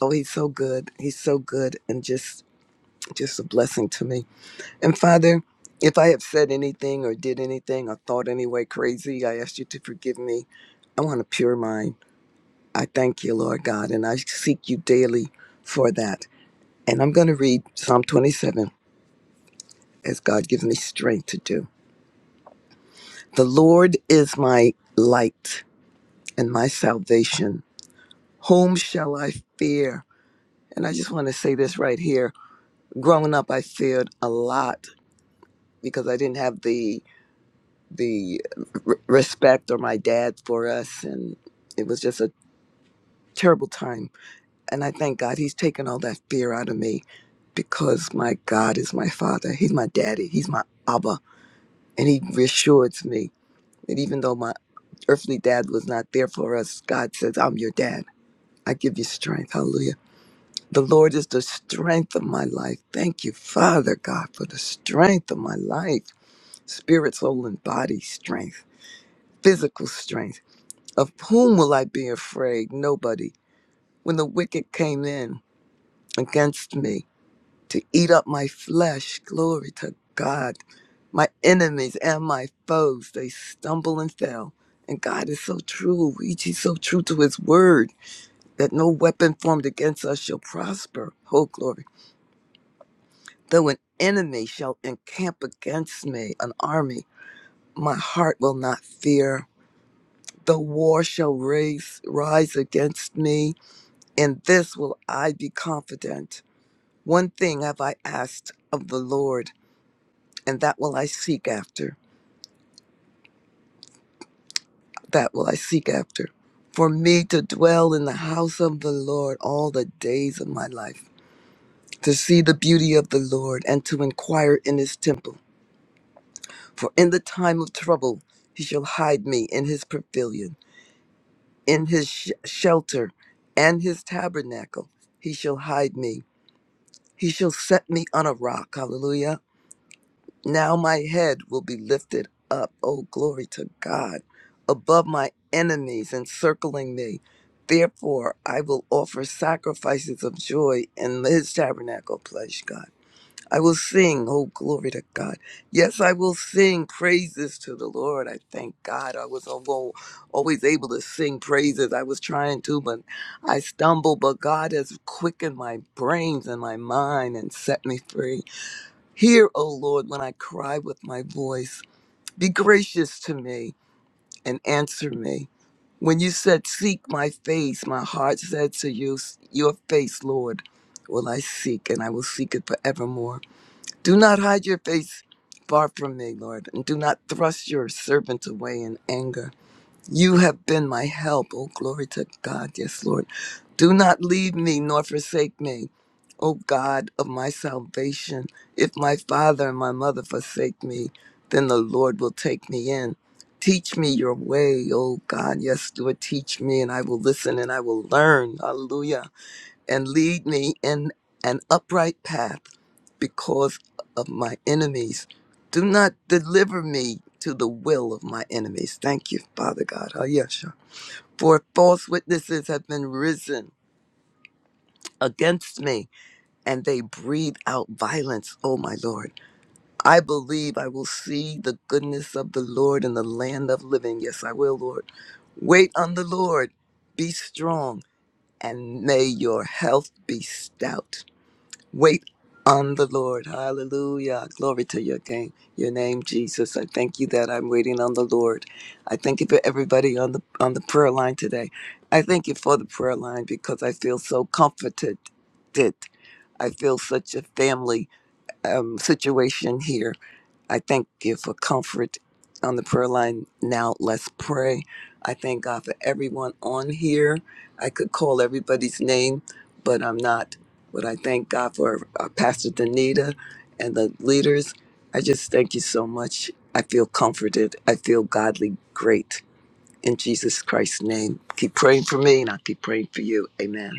Speaker 5: Oh, he's so good. He's so good and just just a blessing to me. And Father, if I have said anything or did anything or thought any way crazy, I ask you to forgive me. I want a pure mind. I thank you, Lord God, and I seek you daily for that. And I'm going to read Psalm 27 as God gives me strength to do. The Lord is my light and my salvation. Whom shall I fear? And I just want to say this right here. Growing up, I feared a lot because I didn't have the the r- respect or my dad for us and it was just a terrible time and i thank god he's taken all that fear out of me because my god is my father he's my daddy he's my abba and he reassures me that even though my earthly dad was not there for us god says i'm your dad i give you strength hallelujah the lord is the strength of my life thank you father god for the strength of my life spirit soul and body strength physical strength Of whom will I be afraid? Nobody. When the wicked came in against me to eat up my flesh, glory to God, my enemies and my foes, they stumble and fell. And God is so true. He- He's so true to his word that no weapon formed against us shall prosper. Oh, glory. Though an enemy shall encamp against me, an army, my heart will not fear. Though war shall raise, rise against me, In this will I be confident. One thing have I asked of the Lord, and that will I seek after. That will I seek after. For me to dwell in the house of the Lord all the days of my life, to see the beauty of the Lord, and to inquire in his temple. For in the time of trouble he shall hide me in his pavilion, in his sh- shelter, and his tabernacle he shall hide me. He shall set me on a rock. Hallelujah Now my head will be lifted up, oh glory to God, above my enemies encircling me. Therefore, I will offer sacrifices of joy in his tabernacle, praise God. I will sing, oh glory to God. Yes, I will sing praises to the Lord. I thank God. I was alwa- always able to sing praises. I was trying to, but I stumbled. But God has quickened my brains and my mind and set me free. Hear, O Lord, when I cry with my voice. Be gracious to me and answer me. When you said, Seek my face, my heart said to you, Your face, Lord, will I seek, and I will seek it forevermore. Do not hide your face far from me, Lord, and do not thrust your servant away in anger. You have been my help. Oh, glory to God. Yes, Lord. Do not leave me nor forsake me, O God of my salvation. If my father and my mother forsake me, then the Lord will take me in. Teach me your way, O God. Yes, Lord, teach me, and I will listen and I will learn. Hallelujah and lead me in an upright path because of my enemies. Do not deliver me to the will of my enemies. Thank you, Father God. Ayesha. For false witnesses have been risen against me, and they breathe out violence, Oh, my Lord. I believe I will see the goodness of the Lord in the land of living. Yes, I will, Lord. Wait on the Lord. Be strong, and may your health be stout. Wait on the Lord. Hallelujah. Glory to your name, your name, Jesus. I thank you that I'm waiting on the Lord. I thank you for everybody on the on the prayer line today. I thank you for the prayer line because I feel so comforted. Did I feel such a family um, situation here? I thank you for comfort on the prayer line. Now let's pray. I thank God for everyone on here. I could call everybody's name, but I'm not. But I thank God for uh, Pastor Danita and the leaders. I just thank you so much. I feel comforted. I feel godly great. In Jesus Christ's name, keep praying for me and I'll keep praying for you. Amen.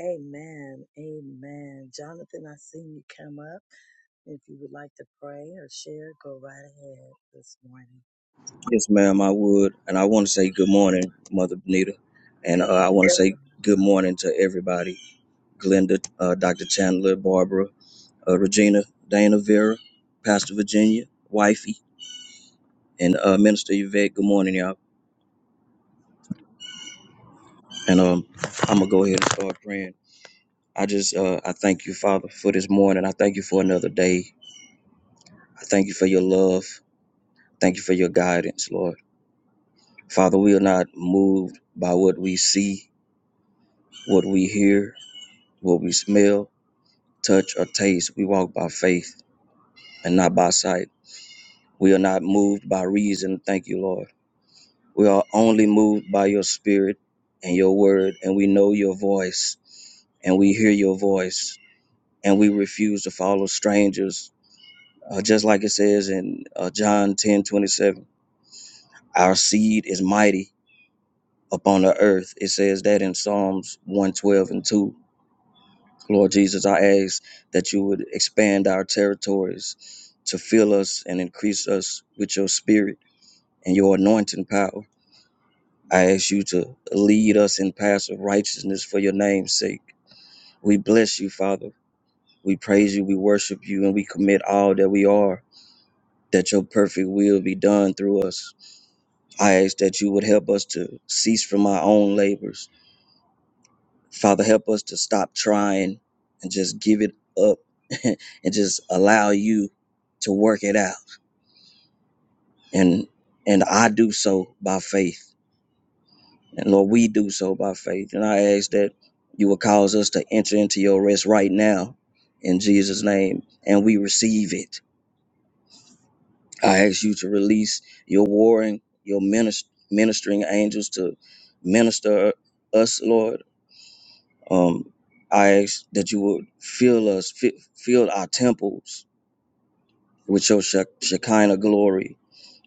Speaker 1: Amen. Amen. Jonathan, I seen you come up. If you would like to pray or share, go right ahead this morning.
Speaker 6: Yes, ma'am, I would. And I want to say good morning, Mother Benita. And uh,
Speaker 1: Good.
Speaker 6: I want to say good morning to everybody Glenda, uh, Dr. Chandler, Barbara, uh, Regina, Dana Vera, Pastor Virginia, Wifey, and uh, Minister Yvette. Good morning, y'all. And um, I'm going to go ahead and start praying. I just, uh, I thank you, Father, for this morning. I thank you for another day. I thank you for your love. Thank you for your guidance, Lord. Father, we are not moved by what we see, what we hear, what we smell touch, or taste. We walk by faith and not by sight. We are not moved by reason. Thank you, Lord. We are only moved by your spirit and your word, and we know your voice, and we hear your voice, and we refuse to follow strangers. Uh, just like it says in uh, John 10 27, our seed is mighty upon the earth. It says that in Psalms 112 and 2 Lord Jesus, I ask that you would expand our territories to fill us and increase us with your spirit and your anointing power. I ask you to lead us in paths of righteousness for your name's sake. We bless you, Father. We praise you, we worship you, and we commit all that we are, that your perfect will be done through us. I ask that you would help us to cease from our own labors Father, help us to stop trying and just give it up and just allow you to work it out. And and I do so by faith. And Lord, we do so by faith. And I ask that you will cause us to enter into your rest right now in Jesus' name. And we receive it. I ask you to release your warring, your minis- ministering angels to minister us, Lord Um, I ask that you would fill us, fi- fill our temples with your shek- Shekinah glory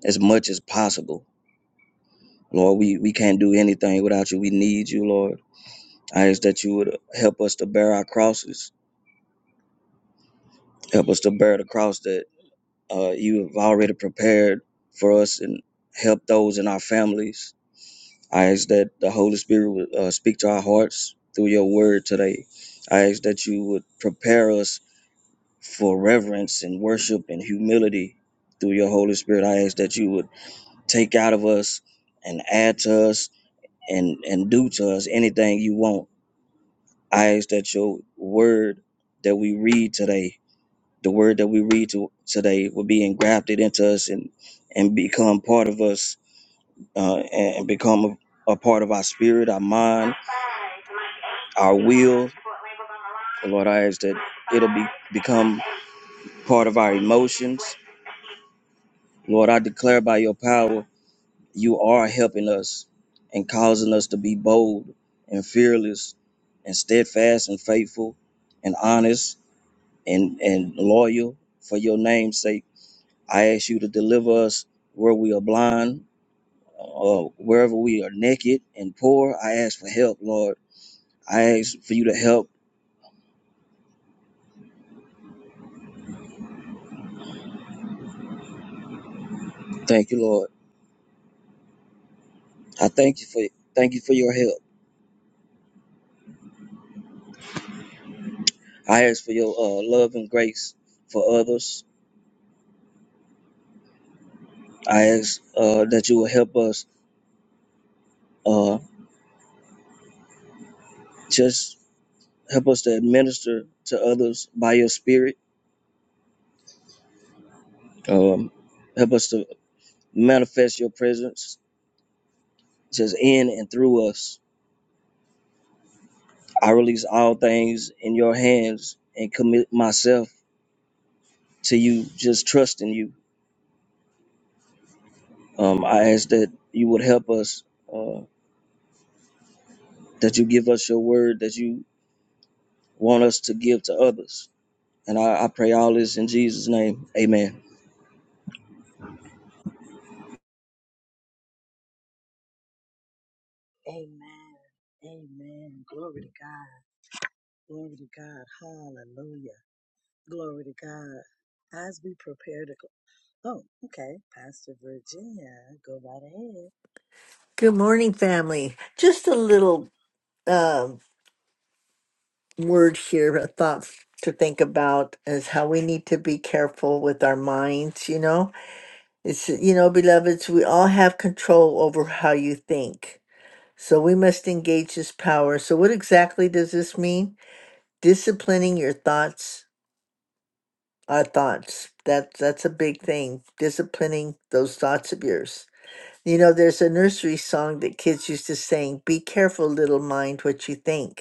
Speaker 6: as much as possible. Lord, we, we can't do anything without you. We need you, Lord. I ask that you would help us to bear our crosses, help us to bear the cross that uh, you have already prepared for us and help those in our families. I ask that the Holy Spirit would uh, speak to our hearts through your word today. I ask that you would prepare us for reverence and worship and humility through your Holy Spirit. I ask that you would take out of us and add to us and, and do to us anything you want. I ask that your word that we read today, the word that we read to, today, will be engrafted into us and, and become part of us uh, and, and become a, a part of our spirit, our mind, our will. Lord, I ask that it'll be, become part of our emotions. Lord, I declare by your power You are helping us and causing us to be bold and fearless and steadfast and faithful and honest and, and loyal for your name's sake. I ask you to deliver us where we are blind, or wherever we are naked and poor. I ask for help, Lord. I ask for you to help. Thank you, Lord. I thank you for thank you for your help. I ask for your uh, love and grace for others. I ask uh, that you will help us uh, just Help us to administer to others by your spirit. Um, help us to manifest your presence just in and through us. I release all things in your hands and commit myself to you, just trusting you. Um, I ask that you would help us, uh, that you give us your word that you want us to give to others. And I, I pray all this in Jesus' name. Amen.
Speaker 1: Amen. Amen. Glory to God. Glory to God. Hallelujah. Glory to God. As we prepare to go, oh, okay, Pastor Virginia, go right ahead.
Speaker 7: Good morning, family. Just a little um, word here, a thought to think about is how we need to be careful with our minds. You know, it's, you know, beloveds, we all have control over how you think. So we must engage this power. So, what exactly does this mean? Disciplining your thoughts, our thoughts. That, that's a big thing, disciplining those thoughts of yours. You know, there's a nursery song that kids used to sing Be careful, little mind, what you think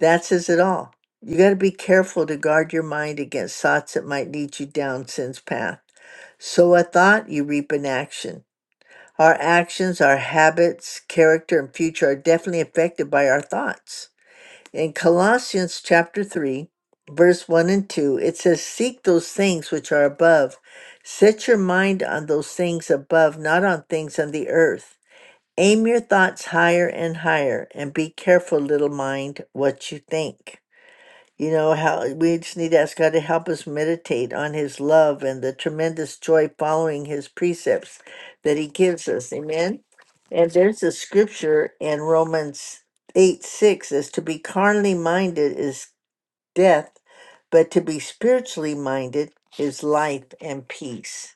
Speaker 7: That says it all. You got to be careful to guard your mind against thoughts that might lead you down sin's path. Sow a thought, you reap an action. Our actions, our habits, character, and future are definitely affected by our thoughts. In Colossians chapter 3, verse 1 and 2, it says, Seek those things which are above. Set your mind on those things above, not on things on the earth. Aim your thoughts higher and higher, and be careful, little mind, what you think. You know, how we just need to ask God to help us meditate on His love and the tremendous joy following His precepts that He gives us. Amen. And there's a scripture in Romans 8 6 as to be carnally minded is death, but to be spiritually minded is life and peace.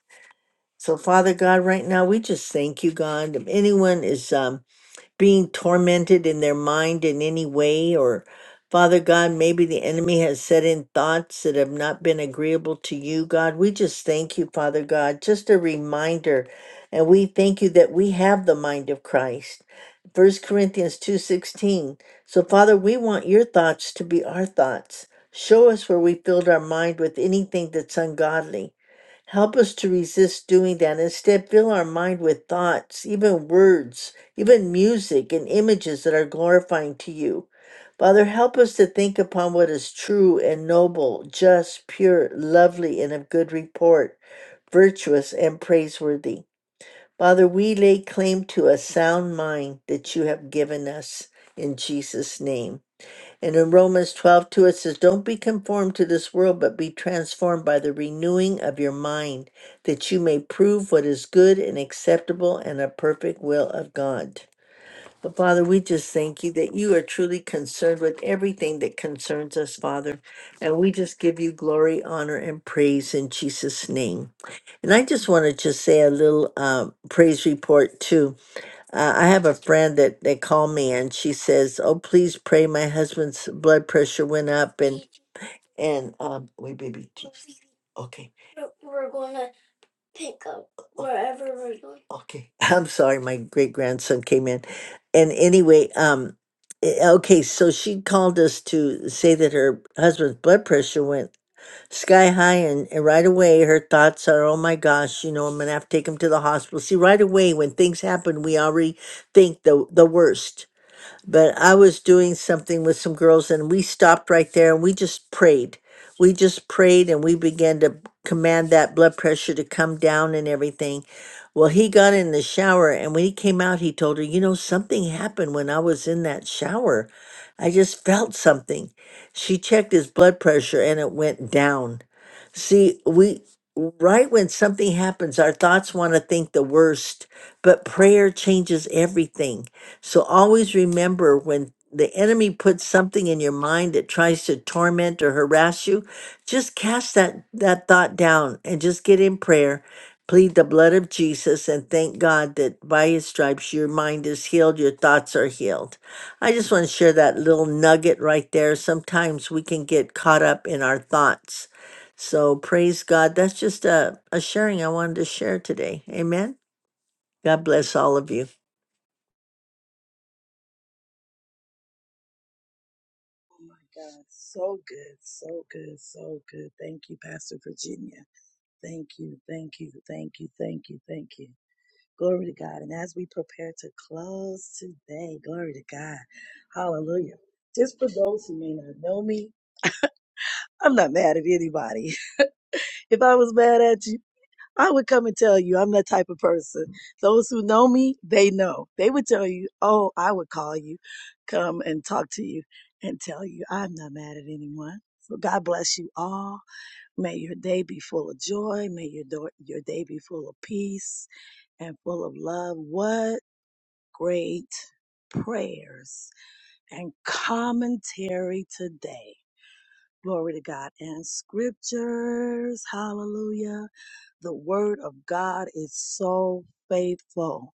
Speaker 7: So, Father God, right now we just thank you, God. If anyone is um, being tormented in their mind in any way or Father God, maybe the enemy has set in thoughts that have not been agreeable to you, God. We just thank you, Father God. Just a reminder. And we thank you that we have the mind of Christ. First Corinthians 2:16. So Father, we want your thoughts to be our thoughts. Show us where we filled our mind with anything that's ungodly Help us to resist doing that. Instead, fill our mind with thoughts, even words, even music and images that are glorifying to you. Father, help us to think upon what is true and noble, just, pure, lovely, and of good report, virtuous and praiseworthy. Father, we lay claim to a sound mind that you have given us in Jesus' name. And in Romans 12, 2, it says, Don't be conformed to this world, but be transformed by the renewing of your mind, that you may prove what is good and acceptable and a perfect will of God. But Father, we just thank you that you are truly concerned with everything that concerns us, Father. And we just give you glory, honor, and praise in Jesus' name. And I just want to just say a little um, praise report, too uh, I have a friend that they call me and she says, "Oh, please pray. My husband's blood pressure went up and and um wait, baby. t- Okay, okay. I'm sorry. My great grandson came in, and anyway, um, eh, okay. So she called us to say that her husband's blood pressure went sky high, and, and right away her thoughts are, "Oh my gosh, you know, I'm gonna have to take him to the hospital." See, right away when things happen, we already think the the worst but I was doing something with some girls and we stopped right there and we just prayed. We just prayed and we began to command that blood pressure to come down and everything. Well, he got in the shower and when he came out, he told her, You know, something happened when I was in that shower. I just felt something. She checked his blood pressure and it went down. See, we, right when something happens, our thoughts want to think the worst, but prayer changes everything so always remember when the enemy puts something in your mind that tries to torment or harass you, just cast that, that thought down and just get in prayer. Plead the blood of Jesus and thank God that by his stripes your mind is healed, your thoughts are healed. I just want to share that little nugget right there. Sometimes we can get caught up in our thoughts. So praise God. That's just a, a sharing I wanted to share today. Amen. God bless all of you.
Speaker 1: My God, so good, so good, so good. Thank you, Pastor Virginia. Thank you, thank you, thank you, thank you, thank you. Glory to God. And as we prepare to close today, glory to God. Hallelujah. Just for those who may not know me, I'm not mad at anybody. If I was mad at you. I would come and tell you I'm that type of person. Those who know me, they know. They would tell you, oh, I would call you, come and talk to you and tell you I'm not mad at anyone. So God bless you all. May your day be full of joy. May your, do- your day be full of peace and full of love. What great prayers and commentary today. Glory to God and scriptures. Hallelujah. The word of God is so faithful.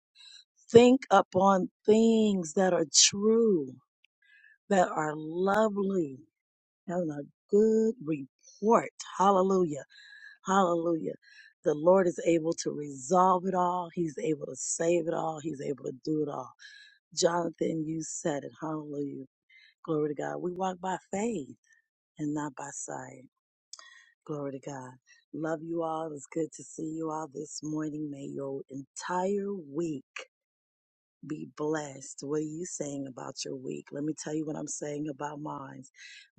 Speaker 1: Think upon things that are true, that are lovely, having a good report. Hallelujah. Hallelujah. The Lord is able to resolve it all. He's able to save it all. He's able to do it all. Jonathan, you said it. Hallelujah. Glory to God. We walk by faith and not by sight. Glory to God. Love you all. It's good to see you all this morning. May your entire week be blessed. What are you saying about your week? Let me tell you what I'm saying about mine.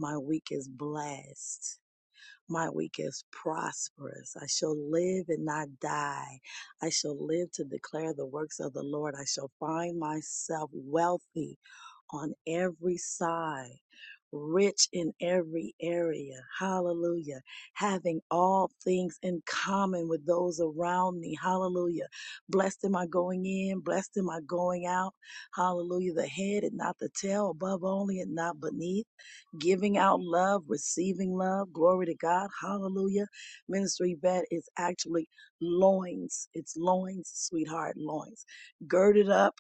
Speaker 1: My week is blessed. My week is prosperous. I shall live and not die. I shall live to declare the works of the Lord. I shall find myself wealthy on every side, rich in every area. Hallelujah. Having all things in common with those around me. Hallelujah. Blessed am I going in, blessed am I going out. Hallelujah. The head and not the tail, above only and not beneath. Giving out love, receiving love. Glory to God. Hallelujah. Ministry vet is actually loins. It's loins, sweetheart, loins. Girded up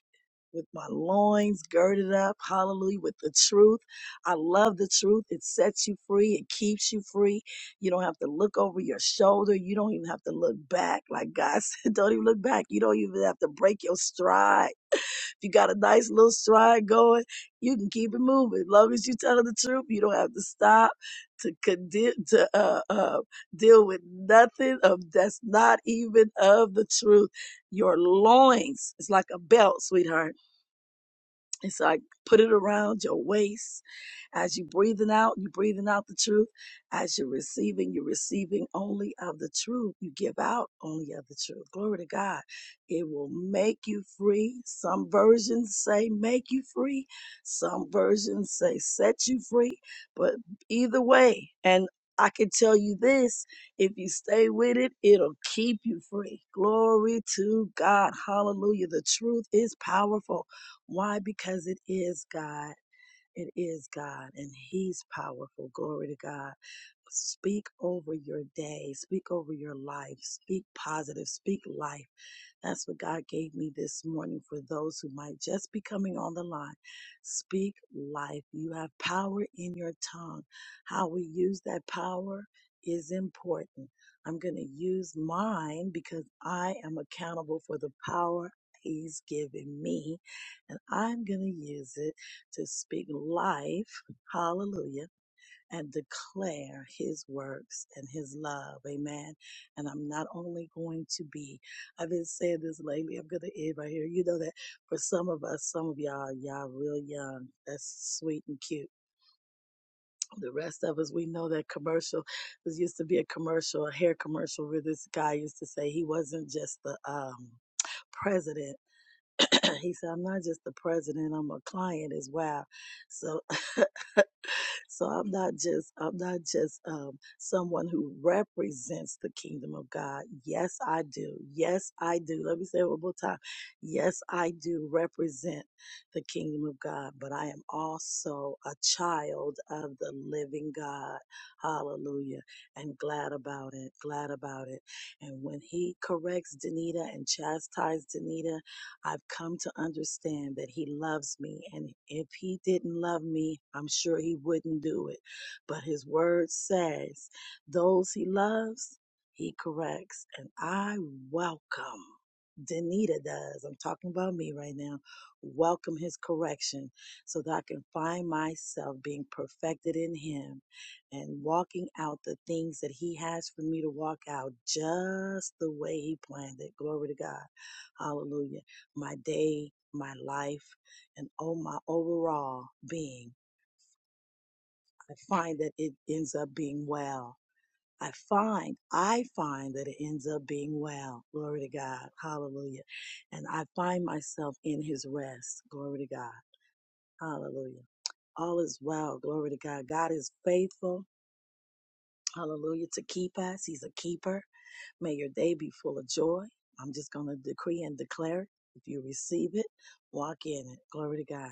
Speaker 1: with my loins girded up, hallelujah, with the truth. I love the truth. It sets you free, it keeps you free. You don't have to look over your shoulder. You don't even have to look back. Like God said, don't even look back. You don't even have to break your stride. If you got a nice little stride going, you can keep it moving. As long as you tell the truth, you don't have to stop to condemn to uh, uh, deal with nothing of that's not even of the truth. Your loins is like a belt, sweetheart it's like put it around your waist. As you're breathing out, you're breathing out the truth. As you're receiving, you're receiving only of the truth. You give out only of the truth. Glory to God. It will make you free. Some versions say make you free. Some versions say set you free. But either way, and I can tell you this if you stay with it, it'll keep you free. Glory to God. Hallelujah. The truth is powerful. Why? Because it is God. It is God and He's powerful. Glory to God. Speak over your day. Speak over your life. Speak positive. Speak life. That's what God gave me this morning for those who might just be coming on the line. Speak life. You have power in your tongue. How we use that power is important. I'm going to use mine because I am accountable for the power He's given me, and I'm going to use it to speak life. Hallelujah and declare his works and his love. Amen. And I'm not only going to be, I've been saying this lately, I'm going to end right here. You know that for some of us, some of y'all, y'all real young, that's sweet and cute. The rest of us, we know that commercial. There used to be a commercial, a hair commercial, where this guy used to say he wasn't just the um, president. he said, "I'm not just the president. I'm a client as well." So so i'm not just i'm not just um, someone who represents the kingdom of god yes i do yes i do let me say it one more time yes i do represent the kingdom of god but i am also a child of the living god hallelujah and glad about it glad about it and when he corrects danita and chastises danita I've come to understand that He loves me. And if He didn't love me, I'm sure He wouldn't do it. But His word says, those He loves, He corrects. And I welcome, Danita does, I'm talking about me right now, welcome His correction so that I can find myself being perfected in Him and walking out the things that He has for me to walk out just the way He planned it. Glory to God. Hallelujah my day, my life, and oh, my overall being. I find that it ends up being well. I find, I find that it ends up being well. Glory to God. Hallelujah. And I find myself in his rest. Glory to God. Hallelujah. All is well. Glory to God. God is faithful. Hallelujah. To keep us, He's a keeper. May your day be full of joy. I'm just going to decree and declare it. If you receive it, walk in it. Glory to God.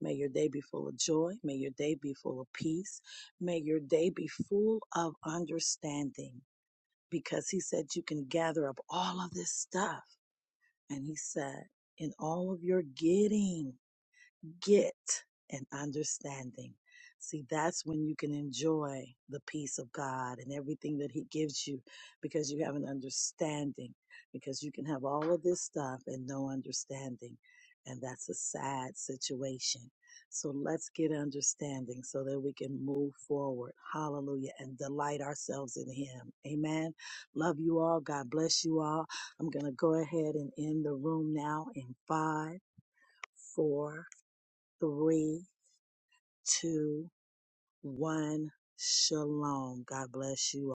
Speaker 1: May your day be full of joy. May your day be full of peace. May your day be full of understanding because he said you can gather up all of this stuff. And he said, in all of your getting, get an understanding. See, that's when you can enjoy the peace of God and everything that He gives you because you have an understanding. Because you can have all of this stuff and no understanding. And that's a sad situation. So let's get understanding so that we can move forward. Hallelujah. And delight ourselves in Him. Amen. Love you all. God bless you all. I'm going to go ahead and end the room now in five, four, three, two, one. Shalom. God bless you all.